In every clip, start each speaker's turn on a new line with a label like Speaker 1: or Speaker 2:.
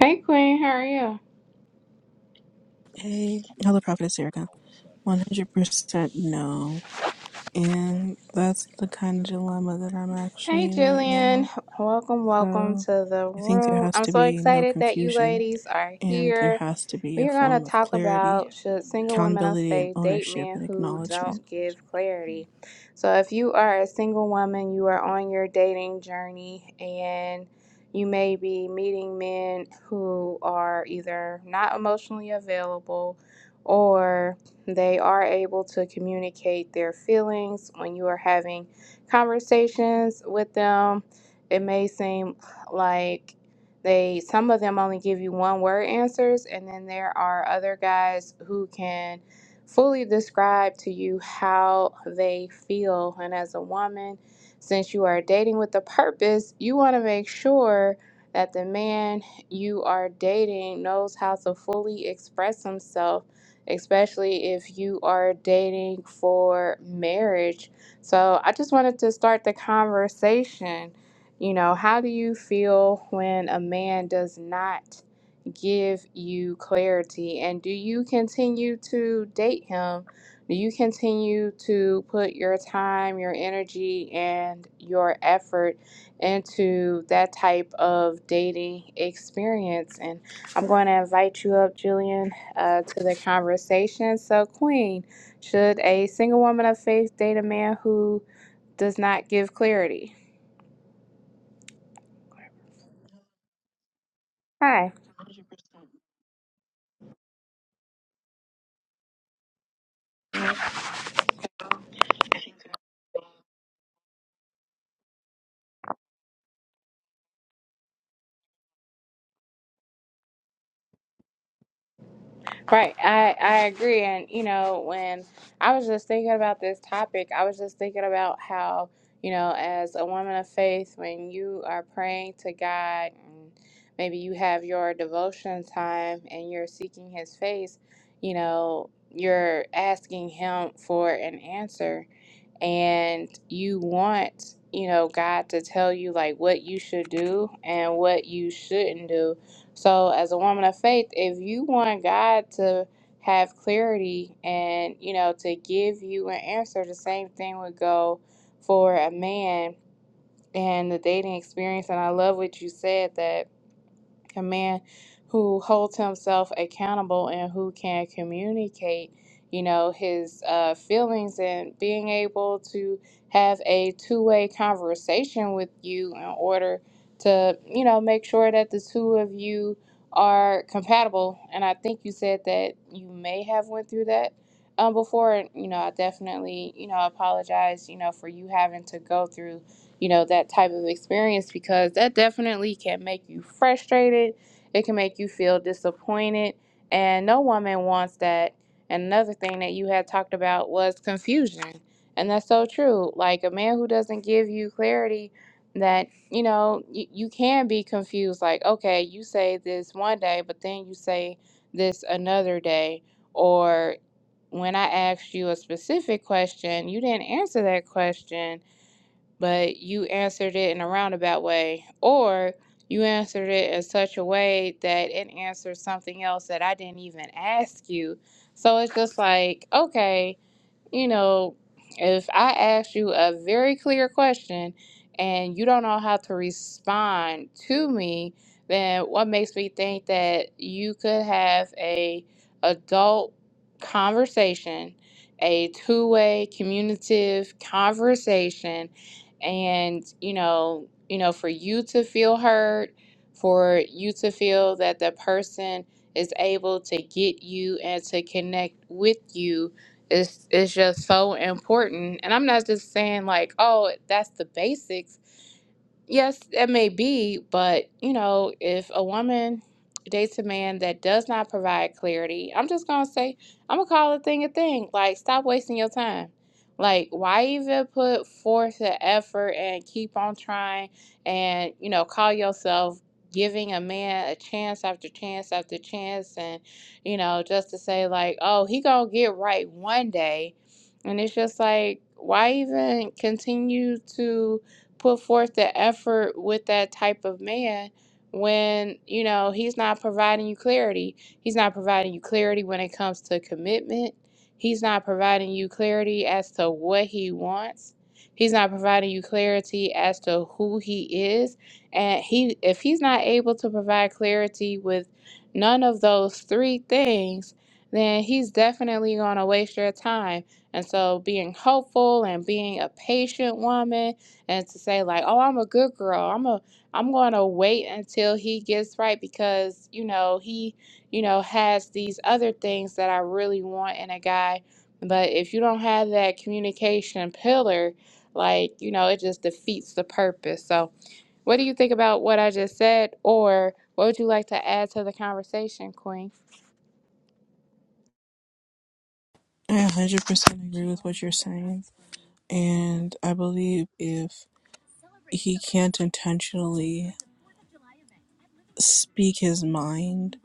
Speaker 1: Hey Queen, how are you?
Speaker 2: Hey, hello, Prophetess Erica. 100% no. And that's the kind of dilemma that I'm actually
Speaker 1: Hey
Speaker 2: in right
Speaker 1: Jillian,
Speaker 2: now.
Speaker 1: welcome, welcome
Speaker 2: So
Speaker 1: to the
Speaker 2: I think there
Speaker 1: room.
Speaker 2: has
Speaker 1: I'm
Speaker 2: to
Speaker 1: so
Speaker 2: be no
Speaker 1: excited that you
Speaker 2: confusion
Speaker 1: ladies are
Speaker 2: and there
Speaker 1: here.
Speaker 2: has to be a
Speaker 1: We are going to
Speaker 2: form of
Speaker 1: talk
Speaker 2: clarity,
Speaker 1: about should single women of
Speaker 2: accountability, and
Speaker 1: faith date
Speaker 2: ownership
Speaker 1: men
Speaker 2: and
Speaker 1: who
Speaker 2: acknowledgement.
Speaker 1: don't give clarity. So, if you are a single woman, you are on your dating journey and you may be meeting men who are either not emotionally available or they are able to communicate their feelings when you are having conversations with them. It may seem like they some of them only give you one word answers, and then there are other guys who can fully describe to you how they feel. And as a woman, since you are dating with a purpose, you want to make sure that the man you are dating knows how to fully express himself, especially if you are dating for marriage. So I just wanted to start the conversation you know, how do you feel when a man does not give you clarity? And do you continue to date him? Do you continue to put your time, your energy, and your effort into that type of dating experience? And I'm going to invite you up, Julian, uh, to the conversation. So, Queen, should a single woman of faith date a man who does not give clarity? Hi. Right. I, I agree. And, you know, when I was just thinking about this topic, I was just thinking about how, you know, as a woman of faith, when you are praying to God, and maybe you have your devotion time and you're seeking His face, you know, you're asking Him for an answer and you want you know god to tell you like what you should do and what you shouldn't do so as a woman of faith if you want god to have clarity and you know to give you an answer the same thing would go for a man and the dating experience and i love what you said that a man who holds himself accountable and who can communicate you know his uh, feelings and being able to have a two-way conversation with you in order to you know make sure that the two of you are compatible and i think you said that you may have went through that um, before and you know i definitely you know apologize you know for you having to go through you know, that type of experience because that definitely can make you frustrated. It can make you feel disappointed. And no woman wants that. And another thing that you had talked about was confusion. And that's so true. Like a man who doesn't give you clarity that, you know, you, you can be confused. Like, okay, you say this one day, but then you say this another day. Or when I asked you a specific question, you didn't answer that question but you answered it in a roundabout way, or you answered it in such a way that it answers something else that I didn't even ask you. So it's just like, okay, you know, if I ask you a very clear question and you don't know how to respond to me, then what makes me think that you could have a adult conversation, a two-way communicative conversation and, you know, you know, for you to feel heard, for you to feel that the person is able to get you and to connect with you it's it's just so important. And I'm not just saying like, oh, that's the basics. Yes, it may be, but you know, if a woman dates a man that does not provide clarity, I'm just gonna say, I'm gonna call a thing a thing. Like, stop wasting your time. Like, why even put forth the effort and keep on trying and, you know, call yourself giving a man a chance after chance after chance and, you know, just to say like, oh, he gonna get right one day. And it's just like, why even continue to put forth the effort with that type of man when you know he's not providing you clarity he's not providing you clarity when it comes to commitment he's not providing you clarity as to what he wants he's not providing you clarity as to who he is and he if he's not able to provide clarity with none of those three things then he's definitely going to waste your time and so being hopeful and being a patient woman and to say like oh i'm a good girl i'm a i'm going to wait until he gets right because you know he you know has these other things that i really want in a guy but if you don't have that communication pillar like you know it just defeats the purpose so what do you think about what i just said or what would you like to add to the conversation queen
Speaker 2: I 100% agree with what you're saying. And I believe if he can't intentionally speak his mind,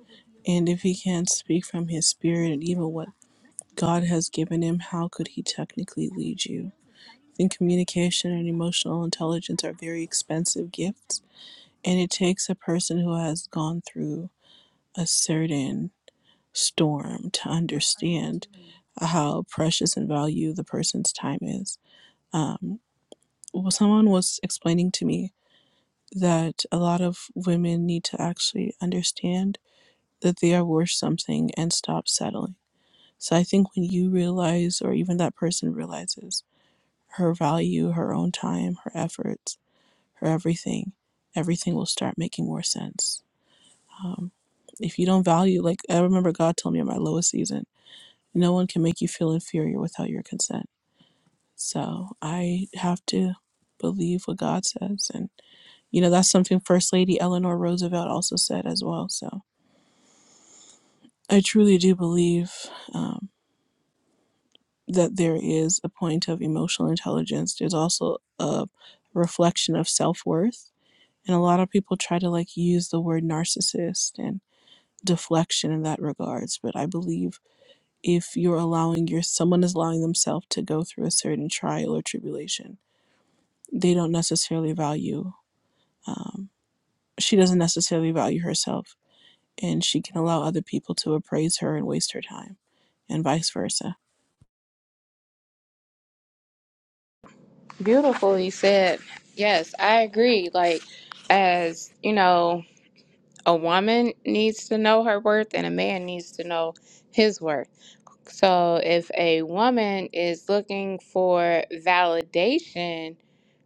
Speaker 2: and if he can't speak from his spirit and even what God has given him, how could he technically lead you? I think communication and emotional intelligence are very expensive gifts, and it takes a person who has gone through a certain storm to understand how precious and value the person's time is. Um, well, someone was explaining to me that a lot of women need to actually understand that they are worth something and stop settling. So I think when you realize, or even that person realizes, her value, her own time, her efforts, her everything, everything will start making more sense. Um, if you don't value, like I remember God told me in my lowest season, no one can make you feel inferior without your consent. So I have to believe what God says. And, you know, that's something First Lady Eleanor Roosevelt also said as well. So I truly do believe um, that there is a point of emotional intelligence. There's also a reflection of self worth And a lot of people try to like use the word narcissist and deflection in that regards. But I believe if you're allowing your someone is allowing themselves to go through a certain trial or tribulation, they don't necessarily value. Um, she doesn't necessarily value herself, and she can allow other people to appraise her and waste her time, and vice versa.
Speaker 1: beautifully said yes i agree like as you know a woman needs to know her worth and a man needs to know his worth. So if a woman is looking for validation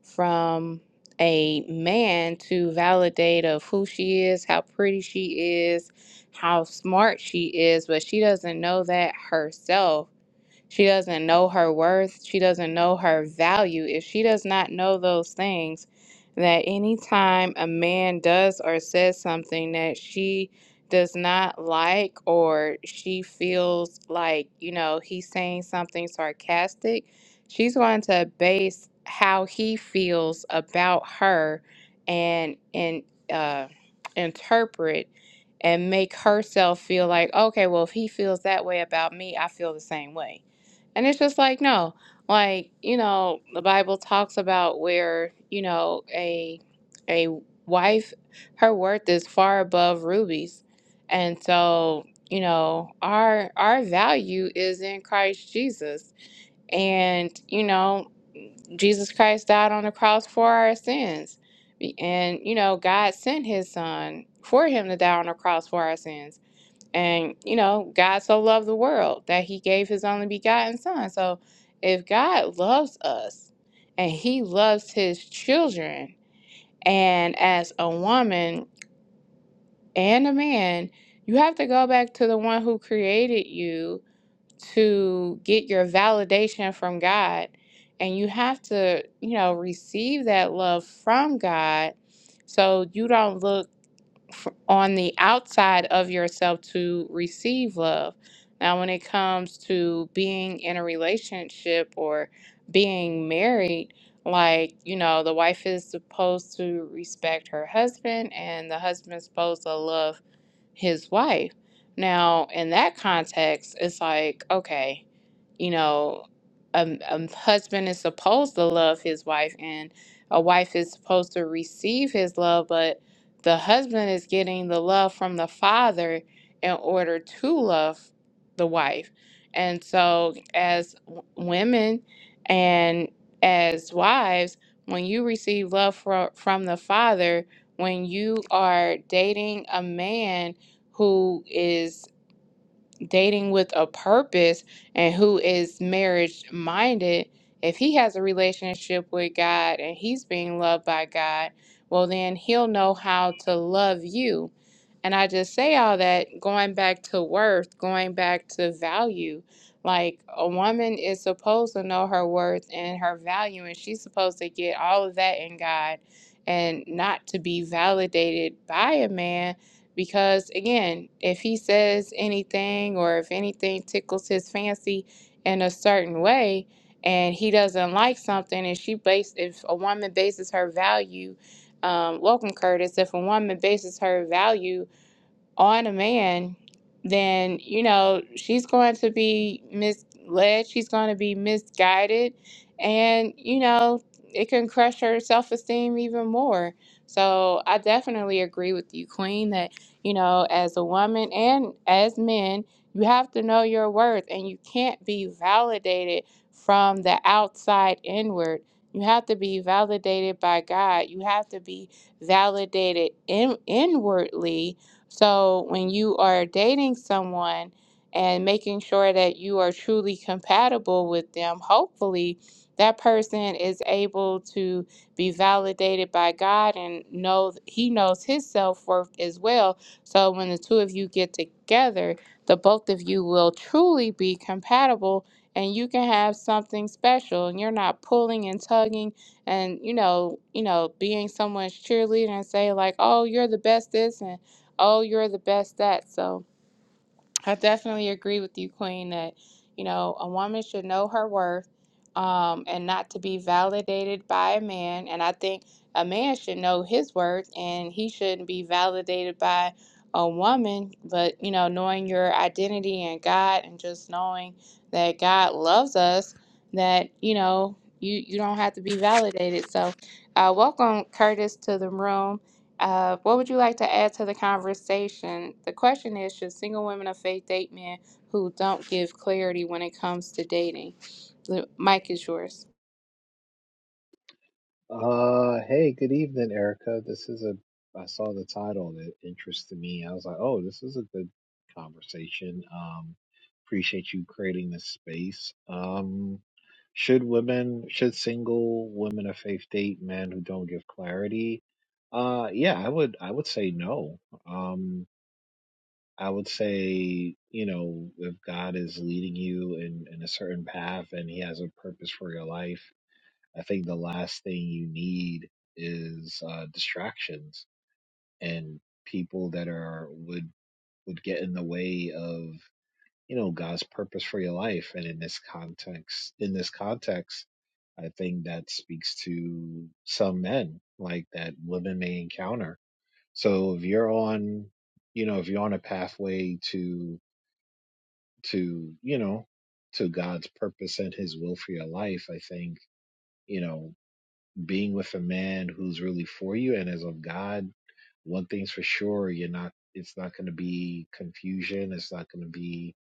Speaker 1: from a man to validate of who she is, how pretty she is, how smart she is, but she doesn't know that herself she doesn't know her worth. She doesn't know her value. If she does not know those things, that anytime a man does or says something that she does not like or she feels like, you know, he's saying something sarcastic, she's going to base how he feels about her and and uh interpret and make herself feel like, okay, well, if he feels that way about me, I feel the same way and it's just like, no, like, you know, the Bible talks about where, you know, a a wife, her worth is far above rubies. And so, you know, our our value is in Christ Jesus. And, you know, Jesus Christ died on the cross for our sins. And, you know, God sent his son for him to die on the cross for our sins. And, you know, God so loved the world that he gave his only begotten son. So if God loves us and he loves his children, and as a woman and a man, you have to go back to the one who created you to get your validation from God. And you have to, you know, receive that love from God so you don't look f- on the outside of yourself to receive love. Now, when it comes to being in a relationship or being married, like, you know, the wife is supposed to respect her husband and the husband's supposed to love his wife. Now, in that context, it's like, okay, you know, a, a husband is supposed to love his wife and a wife is supposed to receive his love, but the husband is getting the love from the father in order to love the wife. And so, as w- women and as wives, when you receive love from, from the father, when you are dating a man who is dating with a purpose and who is marriage minded, if he has a relationship with God and he's being loved by God, well, then he'll know how to love you. And I just say all that going back to worth, going back to value. Like a woman is supposed to know her worth and her value, and she's supposed to get all of that in God and not to be validated by a man because again, if he says anything or if anything tickles his fancy in a certain way and he doesn't like something, and she base if a woman bases her value, um, welcome Curtis, if a woman bases her value on a man, then you know she's going to be misled. She's going to be misguided, and you know it can crush her self esteem even more. So I definitely agree with you, Queen. That you know, as a woman and as men, you have to know your worth, and you can't be validated from the outside inward. You have to be validated by God. You have to be validated in, inwardly so when you are dating someone and making sure that you are truly compatible with them, hopefully that person is able to be validated by God and know he knows his self-worth as well. So when the two of you get together, the both of you will truly be compatible and you can have something special and you're not pulling and tugging and you know, you know, being someone's cheerleader and say like, "Oh, you're the best this," and oh, you're the best at. So I definitely agree with you, Queen, that, you know, a woman should know her worth um, and not to be validated by a man. And I think a man should know his worth and he shouldn't be validated by a woman. But, you know, knowing your identity in God and just knowing that God loves us, that, you know, you, you don't have to be validated. So, uh, welcome Curtis to the room. Uh, what would you like to add to the conversation? The question is Should single women of faith date men who don't give clarity when it comes to dating? The mic is yours.
Speaker 3: Uh, hey, good evening, Erica. This is a, I saw the title and it interested me. I was like, oh, this is a good conversation. Um, appreciate you creating this space. Um, should women, should single women of faith date men who don't give clarity? Uh, yeah, I would, I would say no. Um, I would say, you know, if God is leading you in, in a certain path and he has a purpose for your life, I think the last thing you need is uh, distractions and people that are would would get in the way of you know God's purpose for your life. And in this context, in this context, I think that speaks to some men like that women may encounter. So if you're on, you know, if you're on a pathway to to you know to God's purpose and His will for your life, I think you know. being with a man who's really for you and is of God, one thing's for sure, you're not it's not gonna be confusion, it's not gonna be,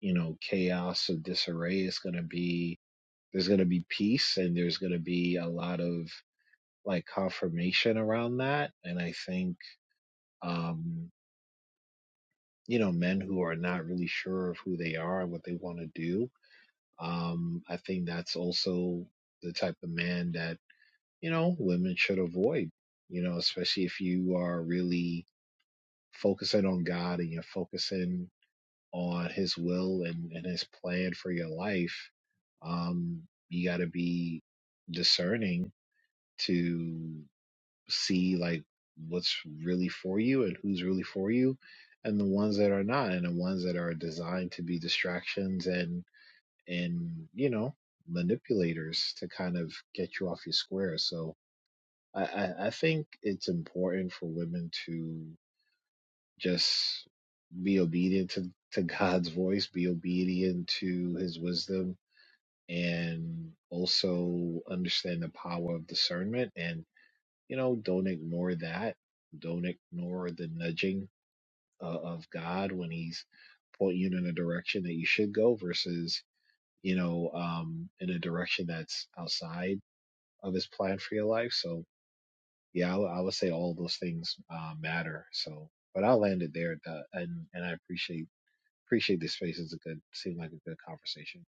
Speaker 3: you know, chaos or disarray. It's gonna be there's gonna be peace and there's gonna be a lot of like confirmation around that. And I think um, you know, men who are not really sure of who they are and what they want to do. Um, I think that's also the type of man that you know, women should avoid, you know, especially if you are really focusing on God and you're focusing on his will and, and his plan for your life. Um, you got to be discerning to see like what's really for you and who's really for you and the ones that are not and the ones that are designed to be distractions and and you know manipulators to kind of get you off your square so I, I I think it's important for women to just be obedient to, to God's voice, be obedient to his wisdom, and also understand the power of discernment. And, you know, don't ignore that. Don't ignore the nudging uh, of God when he's pointing you in a direction that you should go versus, you know, um, in a direction that's outside of his plan for your life. So, yeah, I w- I would say all those things uh, matter. So, but I'll land it there, uh, and and I appreciate appreciate this space. It's a good, seemed like a good conversation.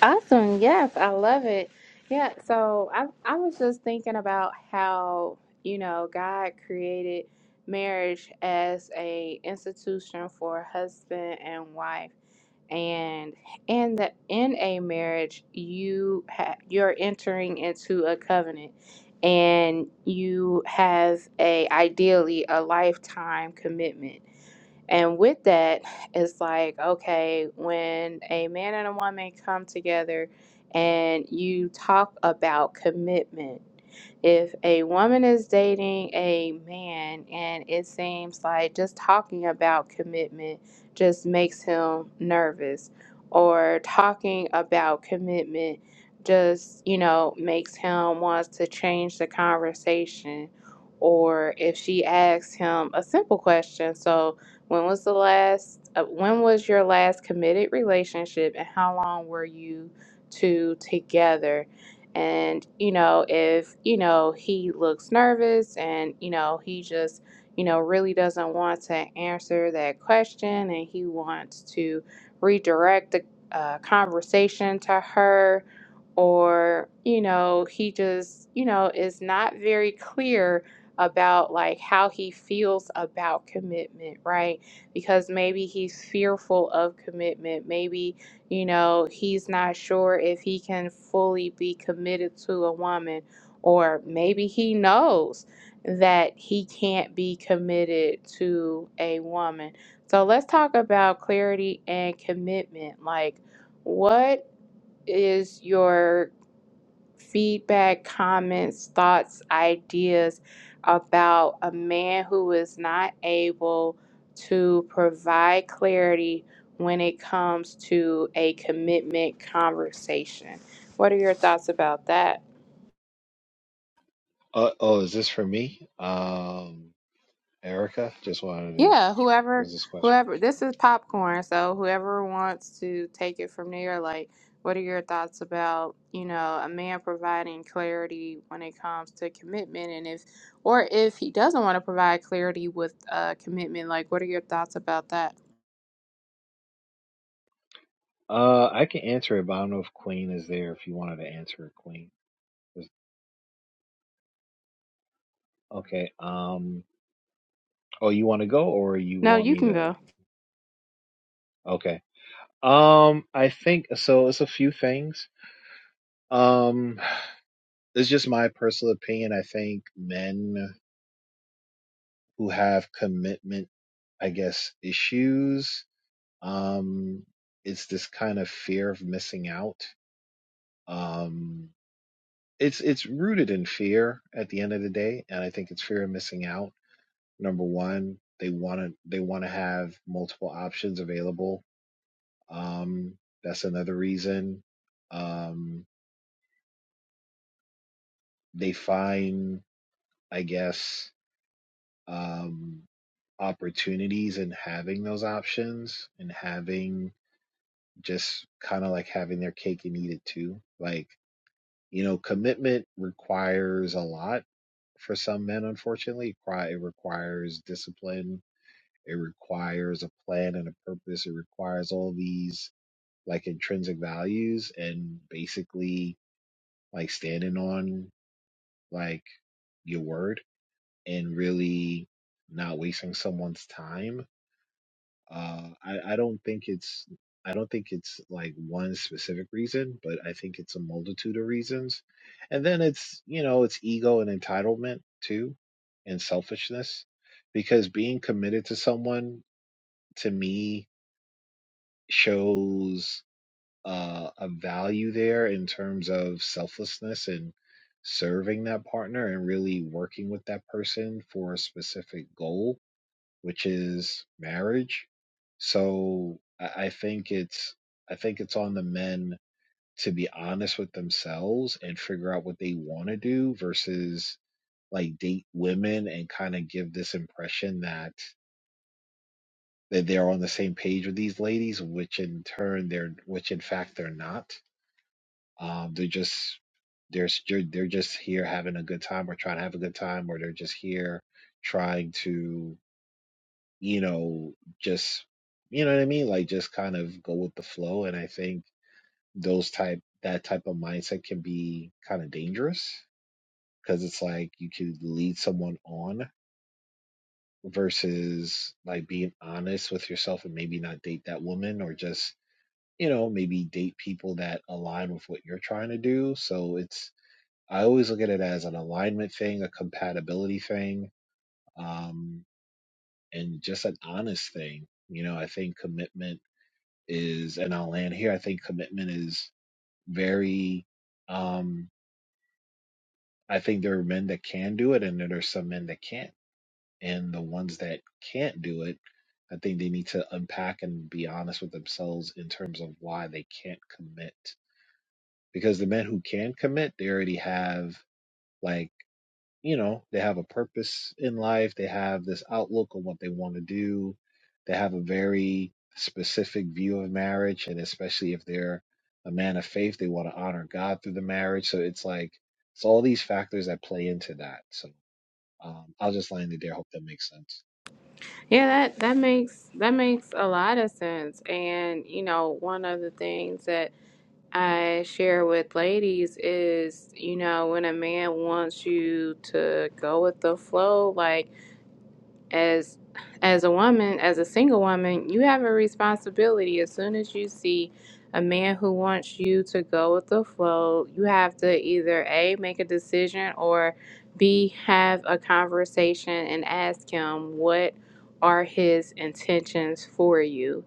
Speaker 1: Awesome. Yes, I love it. Yeah, so I I was just thinking about how, you know, God created marriage as a institution for husband and wife. And in the in a marriage, you ha, you're entering into a covenant and you have a ideally a lifetime commitment and with that, it's like, okay, when a man and a woman come together and you talk about commitment, if a woman is dating a man and it seems like just talking about commitment just makes him nervous, or talking about commitment just, you know, makes him wants to change the conversation, or if she asks him a simple question, so when was the last, uh, when was your last committed relationship and how long were you two together? And, you know, if, you know, he looks nervous and, you know, he just, you know, really doesn't want to answer that question and he wants to redirect the uh, conversation to her or, you know, he just, you know, is not very clear about like how he feels about commitment, right? because maybe he's fearful of commitment. Maybe, you know, he's not sure if he can fully be committed to a woman, or maybe he knows that he can't be committed to a woman. So let's talk about clarity and commitment. Like, what is your feedback, comments, thoughts, ideas about a man who is not able to provide clarity when it comes to a commitment conversation. What are your thoughts about that?
Speaker 3: Uh, oh, is this for me, um, Erica? Just wanted to.
Speaker 1: Yeah,
Speaker 3: What
Speaker 1: whoever,
Speaker 3: Was this question?
Speaker 1: whoever, this is popcorn. So whoever wants to take it from there, like, what are your thoughts about, you know, a man providing clarity when it comes to commitment, and if, or if he doesn't want to provide clarity with uh, commitment, like, what are your thoughts about that?
Speaker 3: Uh, I can answer it, but I don't know if Queen is there. If you wanted to answer it, Queen. Was- Okay. Um. Oh, you want to go, or you
Speaker 1: No,
Speaker 3: want
Speaker 1: you
Speaker 3: me
Speaker 1: can
Speaker 3: to?
Speaker 1: go.
Speaker 3: Okay. Um. I think so. It's a few things. Um. It's just my personal opinion. I think men. who have commitment, I guess, issues. Um, it's this kind of fear of missing out. Um, it's it's rooted in fear at the end of the day, and I think it's fear of missing out. Number one, they want to they want to have multiple options available. Um, that's another reason. Um, they find, I guess, um, opportunities in having those options and having just kind of like having their cake and eat it too. Like, you know, commitment requires a lot for some men, unfortunately. It requires discipline, it requires a plan and a purpose, it requires all these like intrinsic values and basically like standing on like your word and really not wasting someone's time Uh, I, I don't think it's I don't think it's like one specific reason, but I think it's a multitude of reasons. And then it's, you know, it's ego and entitlement too, and selfishness, because being committed to someone to me shows uh, a value there in terms of selflessness and serving that partner and really working with that person for a specific goal which is marriage. So I I think it's I think it's on the men to be honest with themselves and figure out what they want to do versus like date women and kind of give this impression that that they're on the same page with these ladies, which in turn they're which in fact they're not. Um, they're just they're s- they're they're just here having a good time or trying to have a good time or they're just here trying to you know, just you know what I mean? Like just kind of go with the flow. And I think those type that type of mindset can be kind of dangerous because it's like you could lead someone on versus like being honest with yourself and maybe not date that woman or just you know maybe date people that align with what you're trying to do so it's i always look at it as an alignment thing a compatibility thing um and just an honest thing you know i think commitment is, and I'll land here. I think commitment is very. Um, I think there are men that can do it, and then there's some men that can't. And the ones that can't do it, I think they need to unpack and be honest with themselves in terms of why they can't commit. Because the men who can commit, they already have like you know, they have a purpose in life, they have this outlook on what they want to do, they have a very specific view of marriage, and especially if they're a man of faith, they want to honor God through the marriage. So it's like it's all these factors that play into that. So um, I'll just land it there. Hope that makes sense.
Speaker 1: Yeah, that that makes that makes a lot of sense. And you know, one of the things that I share with ladies is, you know, when a man wants you to go with the flow, like as as a woman, as a single woman, you have a responsibility. As soon as you see a man who wants you to go with the flow, you have to either A make a decision or B have a conversation and ask him what are his intentions for you.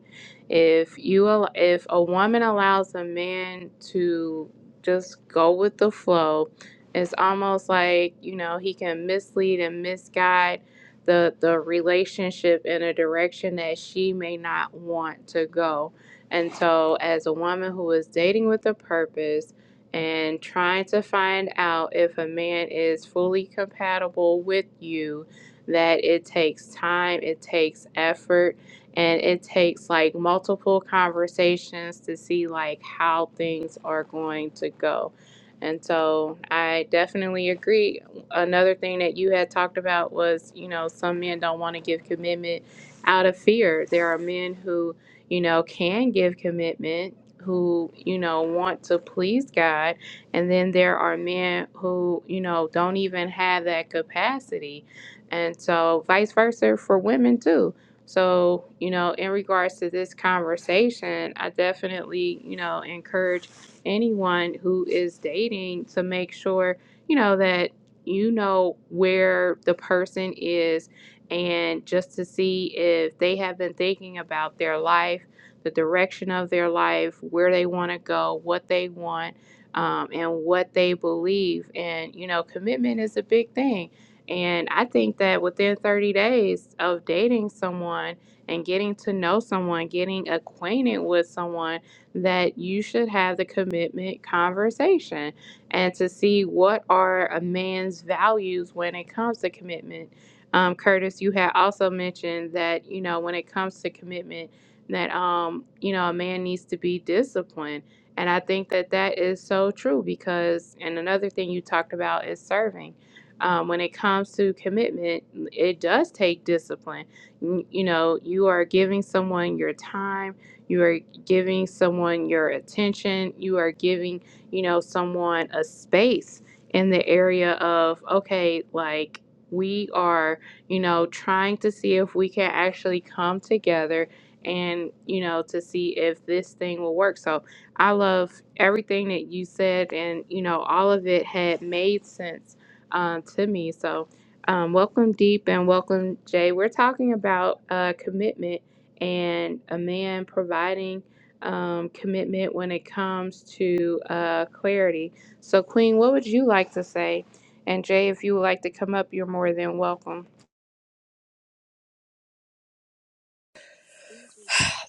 Speaker 1: If you al- if a woman allows a man to just go with the flow, it's almost like, you know, he can mislead and misguide the the relationship in a direction that she may not want to go. And so as a woman who is dating with a purpose and trying to find out if a man is fully compatible with you, that it takes time, it takes effort, and it takes like multiple conversations to see like how things are going to go. And so I definitely agree another thing that you had talked about was, you know, some men don't want to give commitment out of fear. There are men who, you know, can give commitment, who, you know, want to please God. And then there are men who, you know, don't even have that capacity. And so, vice versa for women too. So, you know, in regards to this conversation, I definitely, you know, encourage anyone who is dating to make sure you know that you know where the person is and just to see if they have been thinking about their life the direction of their life where they want to go what they want um, and what they believe and you know commitment is a big thing and i think that within 30 days of dating someone and getting to know someone getting acquainted with someone that you should have the commitment conversation and to see what are a man's values when it comes to commitment. Um, Curtis, you had also mentioned that you know when it comes to commitment, that um, you know a man needs to be disciplined, and I think that that is so true because and another thing you talked about is serving. Um, when it comes to commitment, it does take discipline. You you know, you are giving someone your time, you are giving someone your attention, you are giving you know, someone a space in the area of, okay, like we are, you know, trying to see if we can actually come together and, you know, to see if this thing will work. So I love everything that you said, and, you know, all of it had made sense um, to me. So, um, welcome, Deep, and welcome, Jay. We're talking about uh, commitment and a man providing um, commitment when it comes to uh, clarity. So, Queen, what would you like to say? And Jay, if you would like to come up, you're more than welcome.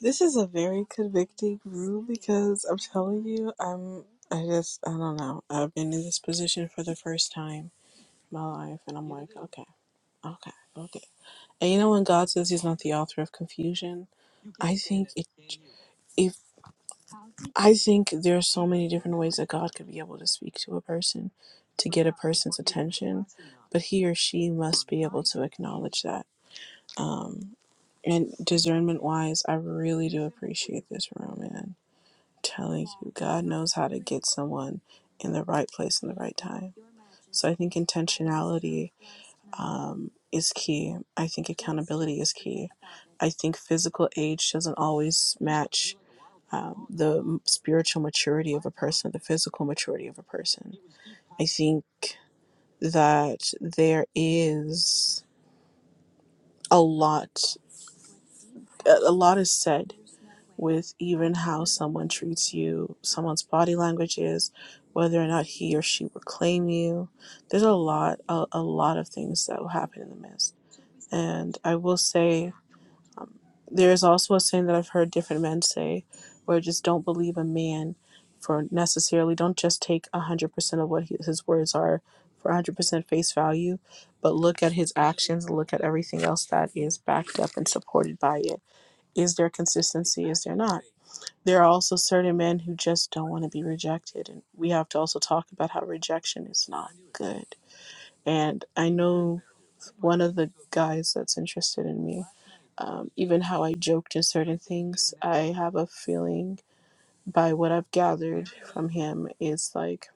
Speaker 2: This is a very convicting room because I'm telling you, I'm I just I don't know. I've been in this position for the first time in my life and I'm like, okay. Okay, okay. And you know when God says He's not the author of confusion, I think it. If I think there are so many different ways that God could be able to speak to a person, to get a person's attention, but he or she must be able to acknowledge that. Um, and discernment wise, I really do appreciate this room, man. Telling you, God knows how to get someone in the right place in the right time. So I think intentionality um, is key. I think accountability is key. I think physical age doesn't always match um, the m- spiritual maturity of a person, the physical maturity of a person. I think that there is a lot, a a lot is said with even how someone treats you, someone's body language is, whether or not he or she would claim you. There's a lot, a, a lot of things that will happen in the midst. And I will say There is also a saying that I've heard different men say, where just don't believe a man for necessarily, don't just take 100% of what he, his words are for 100% face value, but look at his actions, look at everything else that is backed up and supported by it. Is there consistency? Is there not? There are also certain men who just don't want to be rejected. And we have to also talk about how rejection is not good. And I know one of the guys that's interested in me. Um, even how I joked in certain things, I have a feeling by what I've gathered from him is like,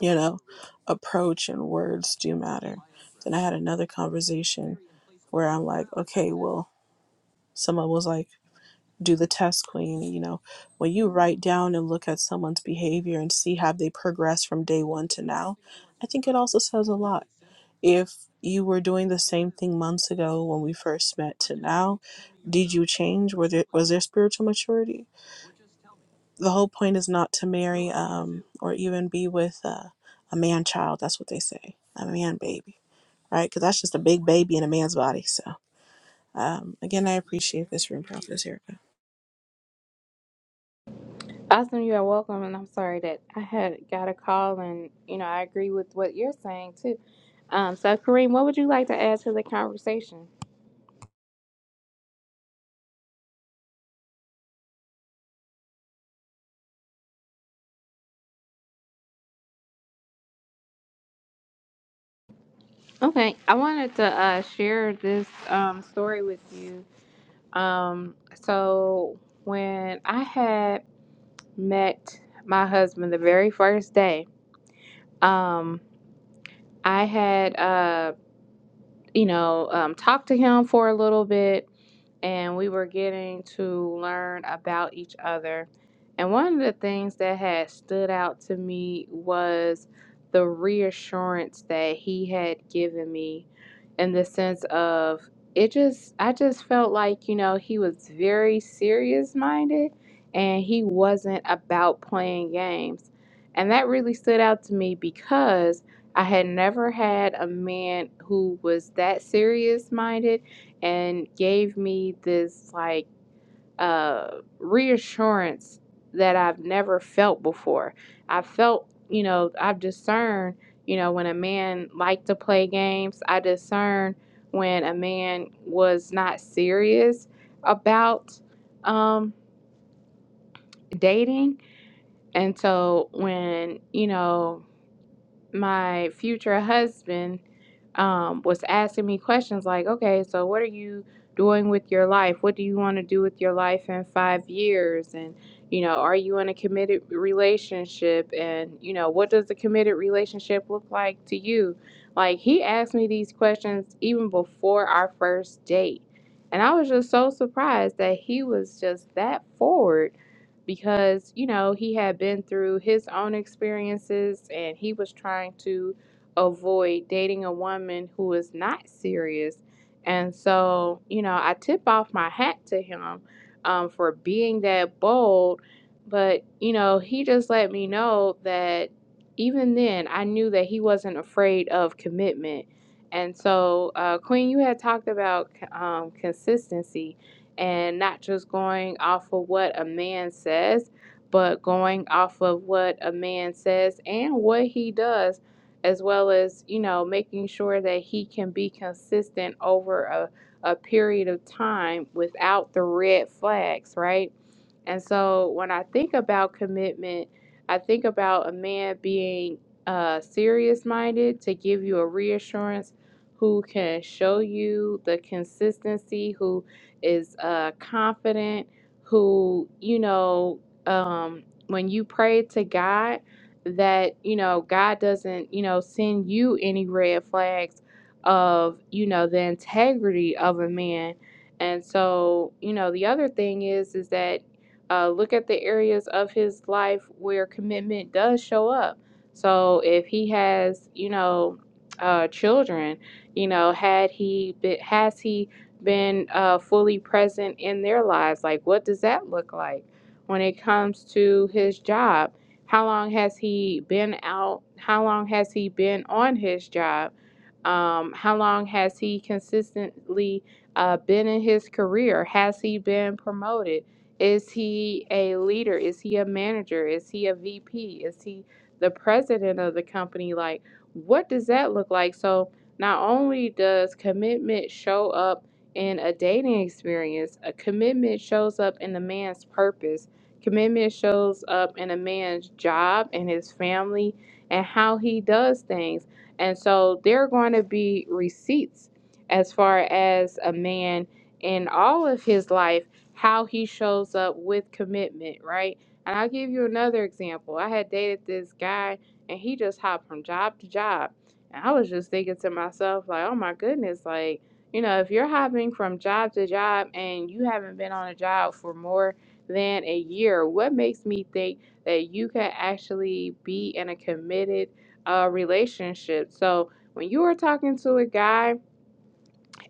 Speaker 2: you know, approach and words do matter. Then I had another conversation where I'm like, okay, well, someone was like, do the test queen. You know, when you write down and look at someone's behavior and see how they progress from day one to now, I think it also says a lot if you were doing the same thing months ago when we first met to now did you change were there was there spiritual maturity the whole point is not to marry um or even be with uh, a man child that's what they say a man baby right because that's just a big baby in a man's body so um again i appreciate this room prophetess here
Speaker 1: Awesome, you are welcome. And I'm sorry that I had got a call, and you know I agree with what you're saying too. Um, so, Kareem, what would you like to add to the conversation? Okay, I wanted to uh, share this um, story with you. Um, so, when I had met my husband the very first day, um, I had, uh, you know, um, talked to him for a little bit and we were getting to learn about each other. And one of the things that had stood out to me was the reassurance that he had given me in the sense of it just, I just felt like, you know, he was very serious minded and he wasn't about playing games. And that really stood out to me because I had never had a man who was that serious minded and gave me this like uh, reassurance that I've never felt before. I felt, you know, I've discerned, you know, when a man liked to play games, I discerned when a man was not serious about um, dating. And so when, you know, my future husband um, was asking me questions like, okay, so what are you doing with your life? What do you want to do with your life in five years? And, you know, are you in a committed relationship? And, you know, what does a committed relationship look like to you? Like, he asked me these questions even before our first date. And I was just so surprised that he was just that forward because you know he had been through his own experiences and he was trying to avoid dating a woman who is not serious and so you know i tip off my hat to him um, for being that bold but you know he just let me know that even then i knew that he wasn't afraid of commitment and so uh, queen you had talked about um, consistency and not just going off of what a man says, but going off of what a man says and what he does, as well as, you know, making sure that he can be consistent over a, a period of time without the red flags, right? And so when I think about commitment, I think about a man being uh, serious minded to give you a reassurance, who can show you the consistency, who is uh, confident, who, you know, um, when you pray to God, that, you know, God doesn't, you know, send you any red flags of, you know, the integrity of a man. And so, you know, the other thing is, is that uh, look at the areas of his life where commitment does show up. So if he has, you know, uh, children, you know, had he been, has he been uh, fully present in their lives? Like, what does that look like when it comes to his job? How long has he been out? How long has he been on his job? Um, how long has he consistently uh, been in his career? Has he been promoted? Is he a leader? Is he a manager? Is he a VP? Is he the president of the company? Like, what does that look like? So, not only does commitment show up in a dating experience, a commitment shows up in a man's purpose. Commitment shows up in a man's job and his family and how he does things. And so there are going to be receipts as far as a man in all of his life how he shows up with commitment, right? And I'll give you another example. I had dated this guy and he just hopped from job to job. And I was just thinking to myself, like, oh my goodness, like, you know, if you're hopping from job to job and you haven't been on a job for more than a year, what makes me think that you could actually be in a committed uh, relationship? So when you are talking to a guy,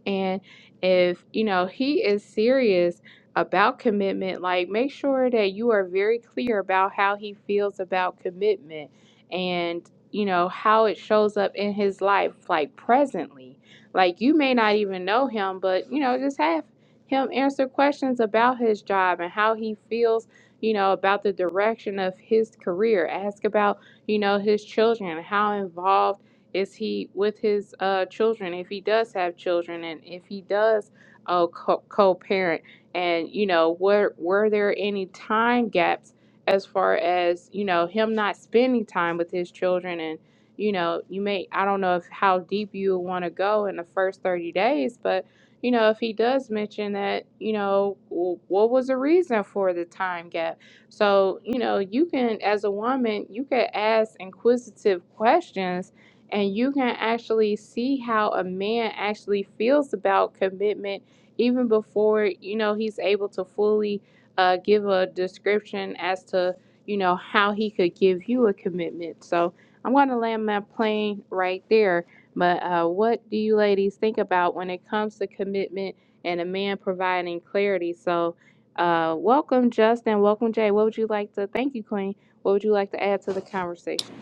Speaker 1: and if, you know, he is serious about commitment, like make sure that you are very clear about how he feels about commitment and, you know, how it shows up in his life, like presently. Like you may not even know him, but, you know, just have him answer questions about his job and how he feels, you know, about the direction of his career. Ask about, you know, his children, how involved is he with his uh, children? If he does have children, and if he does uh, co- co-parent, and you know, were were there any time gaps as far as you know him not spending time with his children? And you know, you may I don't know if how deep you want to go in the first thirty days, but you know, if he does mention that, you know, w- what was the reason for the time gap? So, you know, you can, as a woman, you can ask inquisitive questions and you can actually see how a man actually feels about commitment even before you know he's able to fully uh, give a description as to you know how he could give you a commitment so i'm going to land my plane right there but uh, what do you ladies think about when it comes to commitment and a man providing clarity so uh, welcome justin welcome jay what would you like to thank you queen what would you like to add to the conversation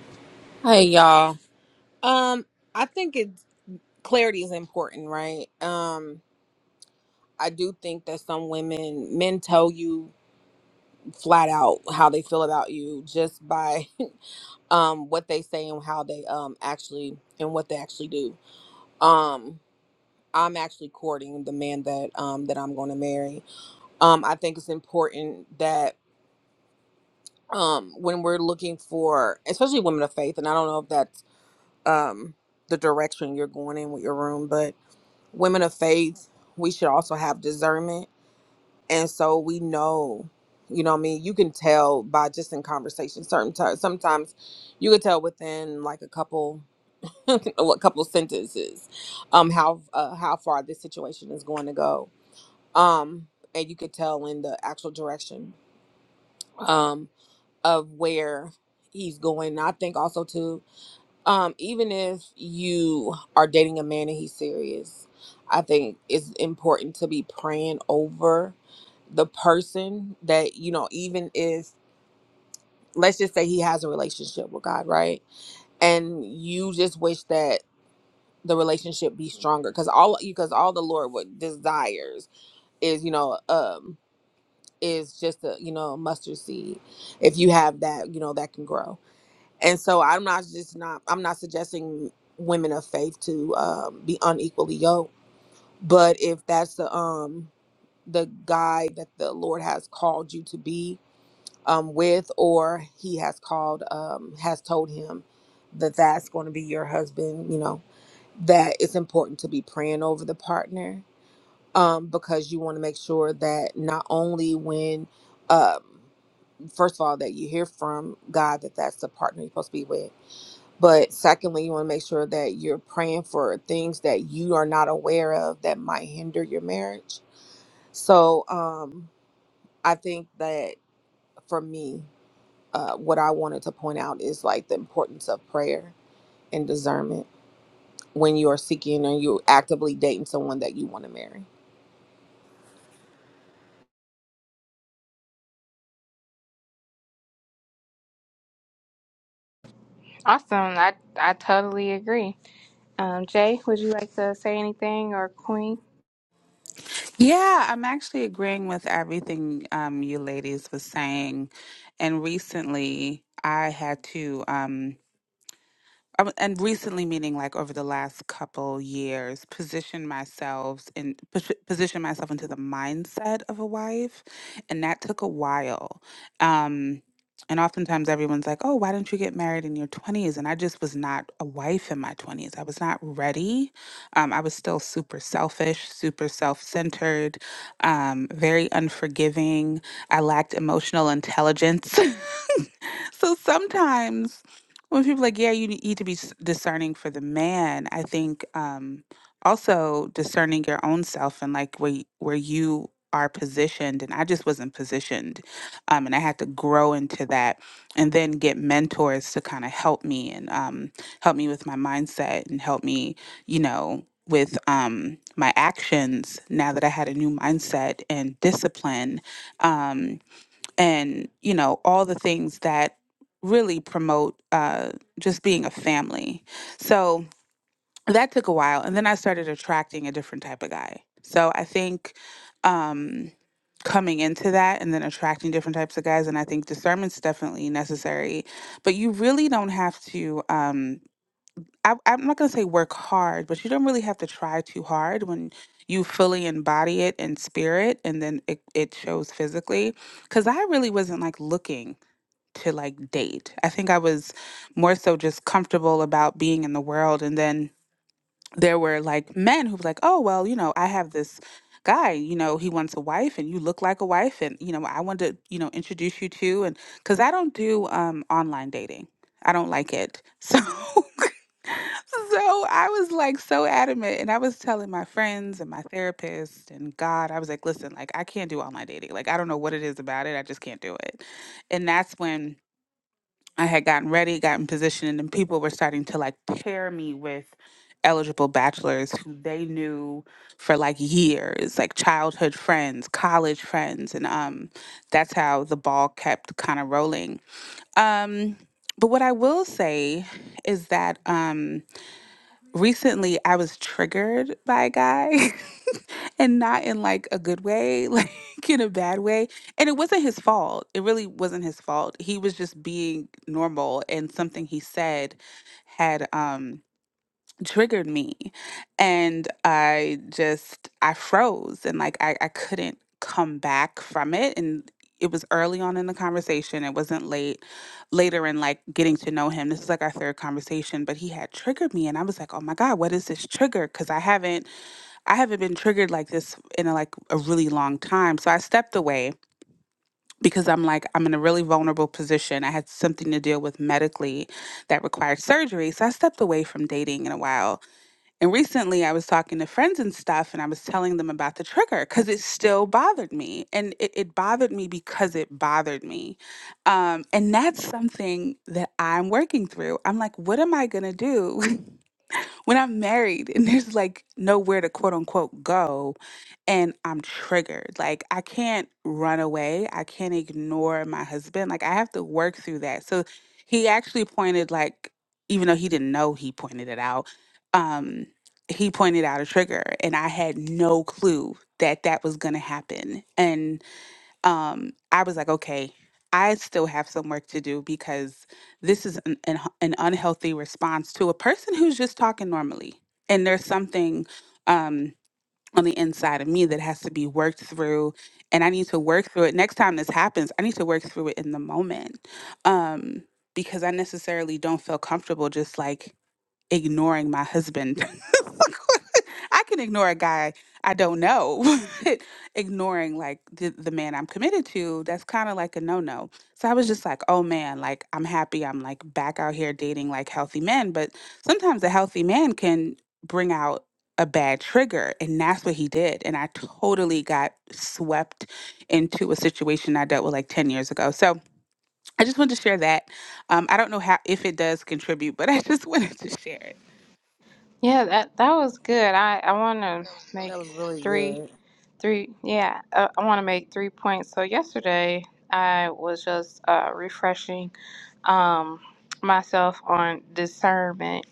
Speaker 4: Hey y'all. Um, I think it clarity is important, right? Um, I do think that some women, men tell you flat out how they feel about you just by um what they say and how they um actually and what they actually do. Um, I'm actually courting the man that um that I'm going to marry. Um, I think it's important that um when we're looking for especially women of faith and I don't know if that's um the direction you're going in with your room, but women of faith, we should also have discernment. And so we know, you know what I mean? You can tell by just in conversation, certain times, sometimes you could tell within like a couple, a couple of sentences, um, how, uh, how far this situation is going to go. Um, and you could tell in the actual direction, um, of where he's going. I think also too, um, even if you are dating a man and he's serious, I think it's important to be praying over the person that, you know, even if, let's just say he has a relationship with God, right? And you just wish that the relationship be stronger because all because all the lord what desires is you know um is just a you know mustard seed if you have that you know that can grow and so i'm not just not i'm not suggesting women of faith to um, be unequally yoked but if that's the um the guy that the lord has called you to be um with or he has called um has told him that that's going to be your husband you know that it's important to be praying over the partner um because you want to make sure that not only when um first of all that you hear from god that that's the partner you're supposed to be with but secondly, you want to make sure that you're praying for things that you are not aware of that might hinder your marriage. So um, I think that for me, uh, what I wanted to point out is like the importance of prayer and discernment when you are seeking and you're actively dating someone that you want to marry.
Speaker 1: Awesome. I I totally agree. Um, Jay, would you like to say anything or Queen?
Speaker 5: Yeah, I'm actually agreeing with everything um, you ladies was saying. And recently, I had to. Um, um, and recently meaning like over the last couple years position myself in posi- position myself into the mindset of a wife and that took a while um and oftentimes everyone's like oh why didn't you get married in your twenties?" and i just was not a wife in my 20s i was not ready um, i was still super selfish super self-centered um, very unforgiving i lacked emotional intelligence so sometimes when people like, yeah, you need to be s- discerning for the man. I think um, also discerning your own self and like where y- where you are positioned. And I just wasn't positioned, um, and I had to grow into that, and then get mentors to kind of help me and um, help me with my mindset and help me, you know, with um, my actions. Now that I had a new mindset and discipline, um, and you know all the things that really promote uh, just being a family so that took a while and then i started attracting a different type of guy so i think um coming into that and then attracting different types of guys and i think discernment's definitely necessary but you really don't have to um I, I'm not going to say work hard, but you don't really have to try too hard when you fully embody it in spirit and then it, it shows physically. Because I really wasn't like looking to like date. I think I was more so just comfortable about being in the world. And then there were like men who were like, oh, well, you know, I have this guy, you know, he wants a wife and you look like a wife. And, you know, I wanted to, you know, introduce you to. And because I don't do um, online dating, I don't like it. So. So I was like so adamant, and I was telling my friends and my therapist and God, I was like, listen, like I can't do online dating. Like I don't know what it is about it. I just can't do it. And that's when I had gotten ready, gotten positioned, and people were starting to like pair me with eligible bachelors who they knew for like years, like childhood friends, college friends, and um, that's how the ball kept kind of rolling. Um, but what I will say is that um, recently I was triggered by a guy. and not in like a good way, like in a bad way. And it wasn't his fault. It really wasn't his fault. He was just being normal and something he said had um triggered me. And I just I froze and like I, I couldn't come back from it. And it was early on in the conversation. It wasn't late later in like getting to know him. This is like our third conversation, but he had triggered me and I was like, oh my God, what is this trigger? Cause I haven't I haven't been triggered like this in a, like a really long time. So I stepped away because I'm like I'm in a really vulnerable position. I had something to deal with medically that required surgery. So I stepped away from dating in a while. And recently I was talking to friends and stuff and I was telling them about the trigger cuz it still bothered me. And it, it bothered me because it bothered me. Um, and that's something that I'm working through. I'm like, what am I going to do when I'm married and there's like nowhere to quote unquote go? and I'm triggered. Like I can't run away. I can't ignore my husband. Like I have to work through that. So he actually pointed like even though he didn't know he pointed it out, um he pointed out a trigger and I had no clue that that was going to happen. And um I was like, okay, I still have some work to do because this is an an, an unhealthy response to a person who's just talking normally. And there's something um, on the inside of me that has to be worked through and i need to work through it next time this happens i need to work through it in the moment um because i necessarily don't feel comfortable just like ignoring my husband. I can ignore a guy I don't know. but ignoring like the, the man I'm committed to, that's kind of like a no no. So I was just like, oh man, like I'm happy I'm like back out here dating like healthy men. But sometimes a healthy man can bring out a bad trigger. And that's what he did. And I totally got swept into a situation I dealt with like 10 years ago. So I just wanted to share that. Um, I don't know how if it does contribute, but I just wanted to share it.
Speaker 1: Yeah, that that was good. I I want to
Speaker 4: That
Speaker 1: make
Speaker 4: was really
Speaker 1: three
Speaker 4: good.
Speaker 1: three. Yeah, uh, I want to make three points. So yesterday I was just uh, refreshing um myself on discernment,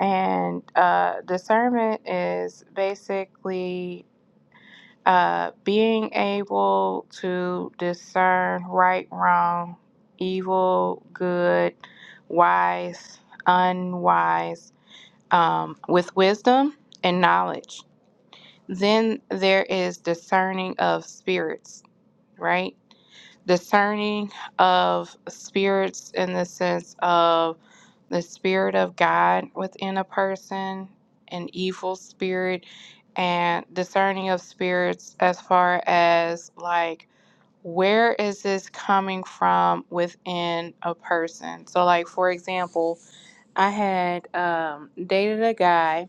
Speaker 1: and uh, discernment is basically uh, being able to discern right, wrong, evil, good, wise, unwise, um, with wisdom and knowledge. Then there is discerning of spirits, right? discerning of spirits in the sense of the spirit of God within a person, an evil spirit, and discerning of spirits as far as like where is this coming from within a person. So like for example, I had um dated a guy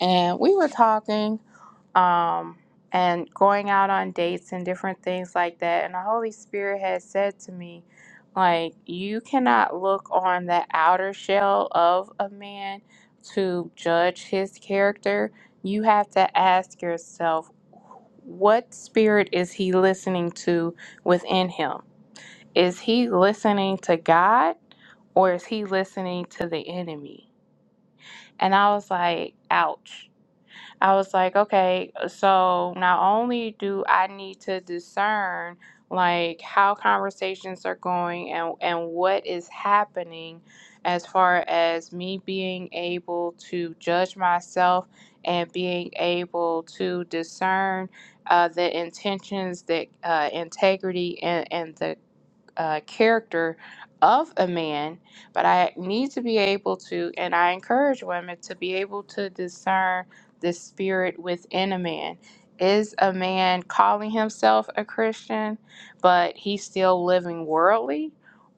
Speaker 1: and we were talking um, and going out on dates and different things like that. And the Holy Spirit had said to me, like, you cannot look on the outer shell of a man to judge his character. You have to ask yourself, what spirit is he listening to within him? Is he listening to God or is he listening to the enemy? And I was like, ouch I was like, okay, so not only do I need to discern like how conversations are going and and what is happening as far as me being able to judge myself and being able to discern uh, the intentions the uh, integrity and, and the uh, character of a man, but I need to be able to, and I encourage women to be able to discern the spirit within a man. Is a man calling himself a Christian, but he's still living worldly?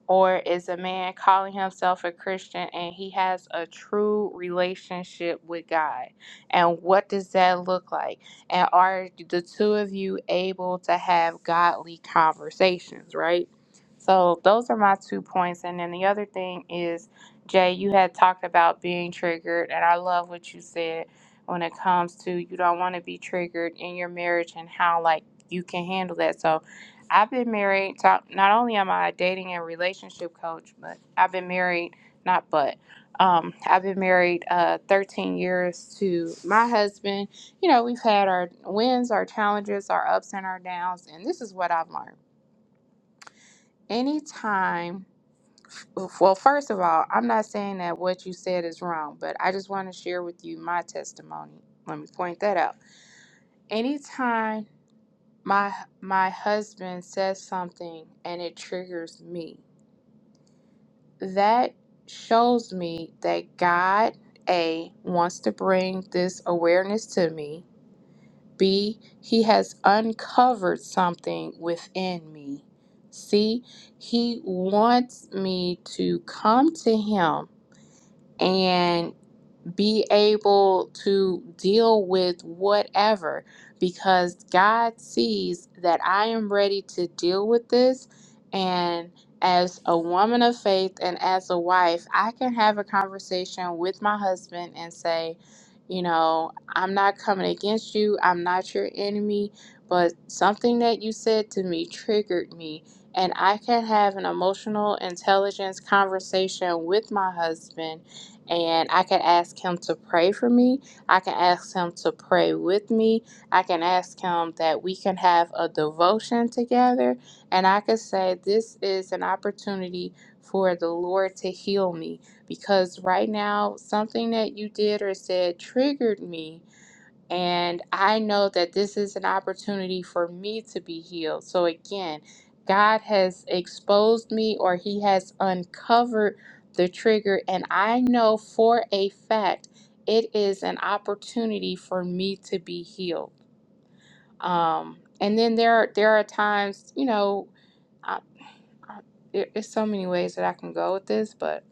Speaker 1: Or is a man calling himself a Christian and he has a true relationship with God? And what does that look like? And are the two of you able to have godly conversations, right? So those are my two points. And then the other thing is, Jay, you had talked about being triggered, and I love what you said when it comes to you don't want to be triggered in your marriage and how like you can handle that. So I've been married. So not only am I a dating and relationship coach, but I've been married, not but. Um, I've been married uh, 13 years to my husband. You know, we've had our wins, our challenges, our ups and our downs, and this is what I've learned. Anytime well, first of all, I'm not saying that what you said is wrong, but I just want to share with you my testimony. Let me point that out. Anytime my my husband says something and it triggers me, that shows me that God A wants to bring this awareness to me. B, he has uncovered something within me. C, he wants me to come to him and. be able to deal with whatever because God sees that I am ready to deal with this. And as a woman of faith and as a wife, I can have a conversation with my husband and say, you know, I'm not coming against you, I'm not your enemy, but something that you said to me triggered me. And I can have an emotional intelligence conversation with my husband and I can ask him to pray for me. I can ask him to pray with me. I can ask him that we can have a devotion together. And I could say, This is an opportunity for the Lord to heal me because right now, something that you did or said triggered me and I know that this is an opportunity for me to be healed. So, again, God has exposed me or He has uncovered the trigger. And I know for a fact it is an opportunity for me to be healed. Um, and then there are, there are times, you know, uh, I, there, there's so many ways that I can go with this, but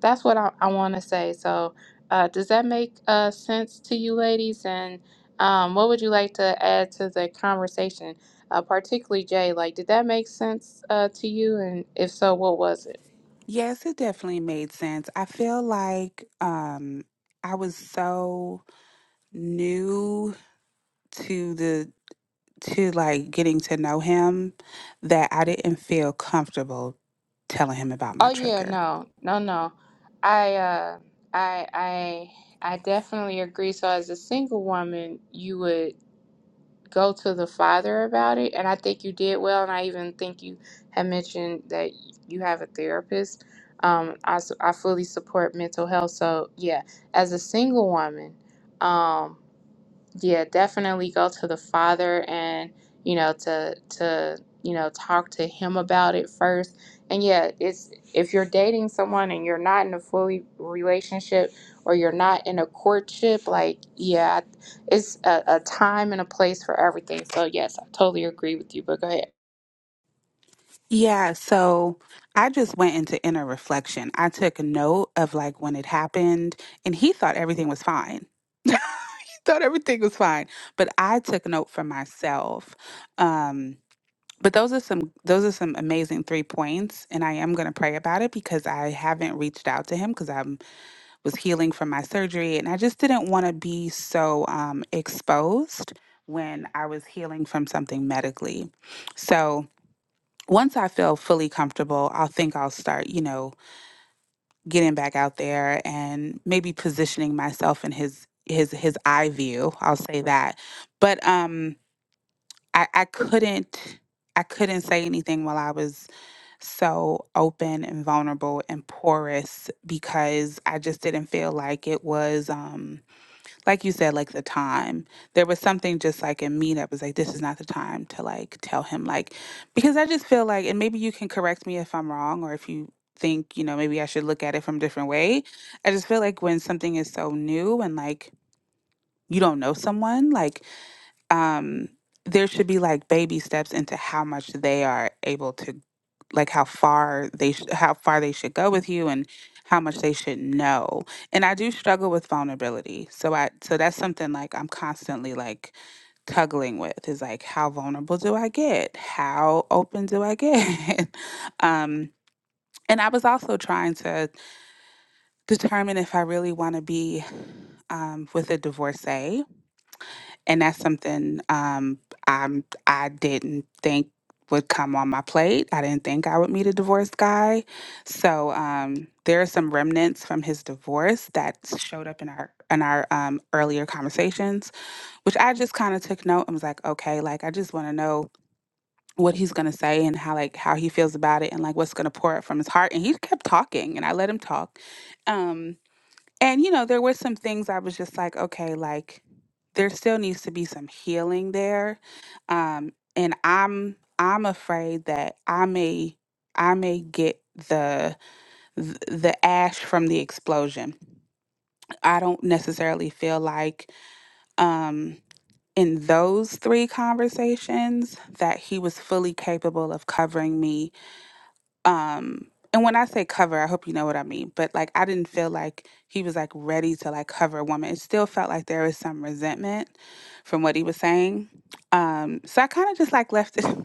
Speaker 1: that's what I, I want to say. So, uh, does that make uh, sense to you, ladies? And um, what would you like to add to the conversation, uh, particularly Jay? Like, did that make sense uh, to you? And if so, what was it?
Speaker 5: Yes, it definitely made sense. I feel like um I was so new to the to like getting to know him that I didn't feel comfortable telling him about my
Speaker 1: Oh yeah,
Speaker 5: trigger.
Speaker 1: no, no, no. I, uh, I, I, I definitely agree. So, as a single woman, you would. go to the father about it and i think you did well and i even think you had mentioned that you have a therapist um, I, s- I fully support mental health so yeah as a single woman um, yeah definitely go to the father and you know to to you know talk to him about it first and yeah it's if you're dating someone and you're not in a fully relationship or you're not in a courtship like yeah it's a, a time and a place for everything so yes i totally agree with you but go ahead
Speaker 5: Yeah, so I just went into inner reflection. I took note of like when it happened, and he thought everything was fine. thought everything was fine, but I took note for myself. Um, but those are some those are some amazing three points, and I am going to pray about it because I haven't reached out to him because I was healing from my surgery, and I just didn't want to be so um, exposed when I was healing from something medically. So once I feel fully comfortable, I'll think I'll start, you know, getting back out there and maybe positioning myself in his his his eye view. I'll say that. But um I, I couldn't I couldn't say anything while I was so open and vulnerable and porous because I just didn't feel like it was um like you said, like the time. There was something just like in me that was like, this is not the time to like tell him, like, because I just feel like, and maybe you can correct me if I'm wrong or if you think, you know, maybe I should look at it from a different way. I just feel like when something is so new and like you don't know someone, like um there should be like baby steps into how much they are able to like how far they sh- how far they should go with you and how much they should know and i do struggle with vulnerability so i so that's something like i'm constantly like tuggling with is like how vulnerable do i get how open do i get um and i was also trying to determine if i really want to be um, with a divorcee and that's something um, I'm I didn't think would come on my plate. I didn't think I would meet a divorced guy. So um, there are some remnants from his divorce that showed up in our in our um, earlier conversations, which I just kind of took note and was like, okay, like I just want to know what he's gonna say and how like how he feels about it and like what's gonna pour out from his heart. And he kept talking, and I let him talk. Um, and you know, there were some things I was just like, okay, like there still needs to be some healing there. Um and I'm I'm afraid that I may I may get the th- the ash from the explosion. I don't necessarily feel like um in those three conversations that he was fully capable of covering me um and when i say cover i hope you know what i mean but like i didn't feel like he was like ready to like cover a woman it still felt like there was some resentment from what he was saying um so i kind of just like left it kind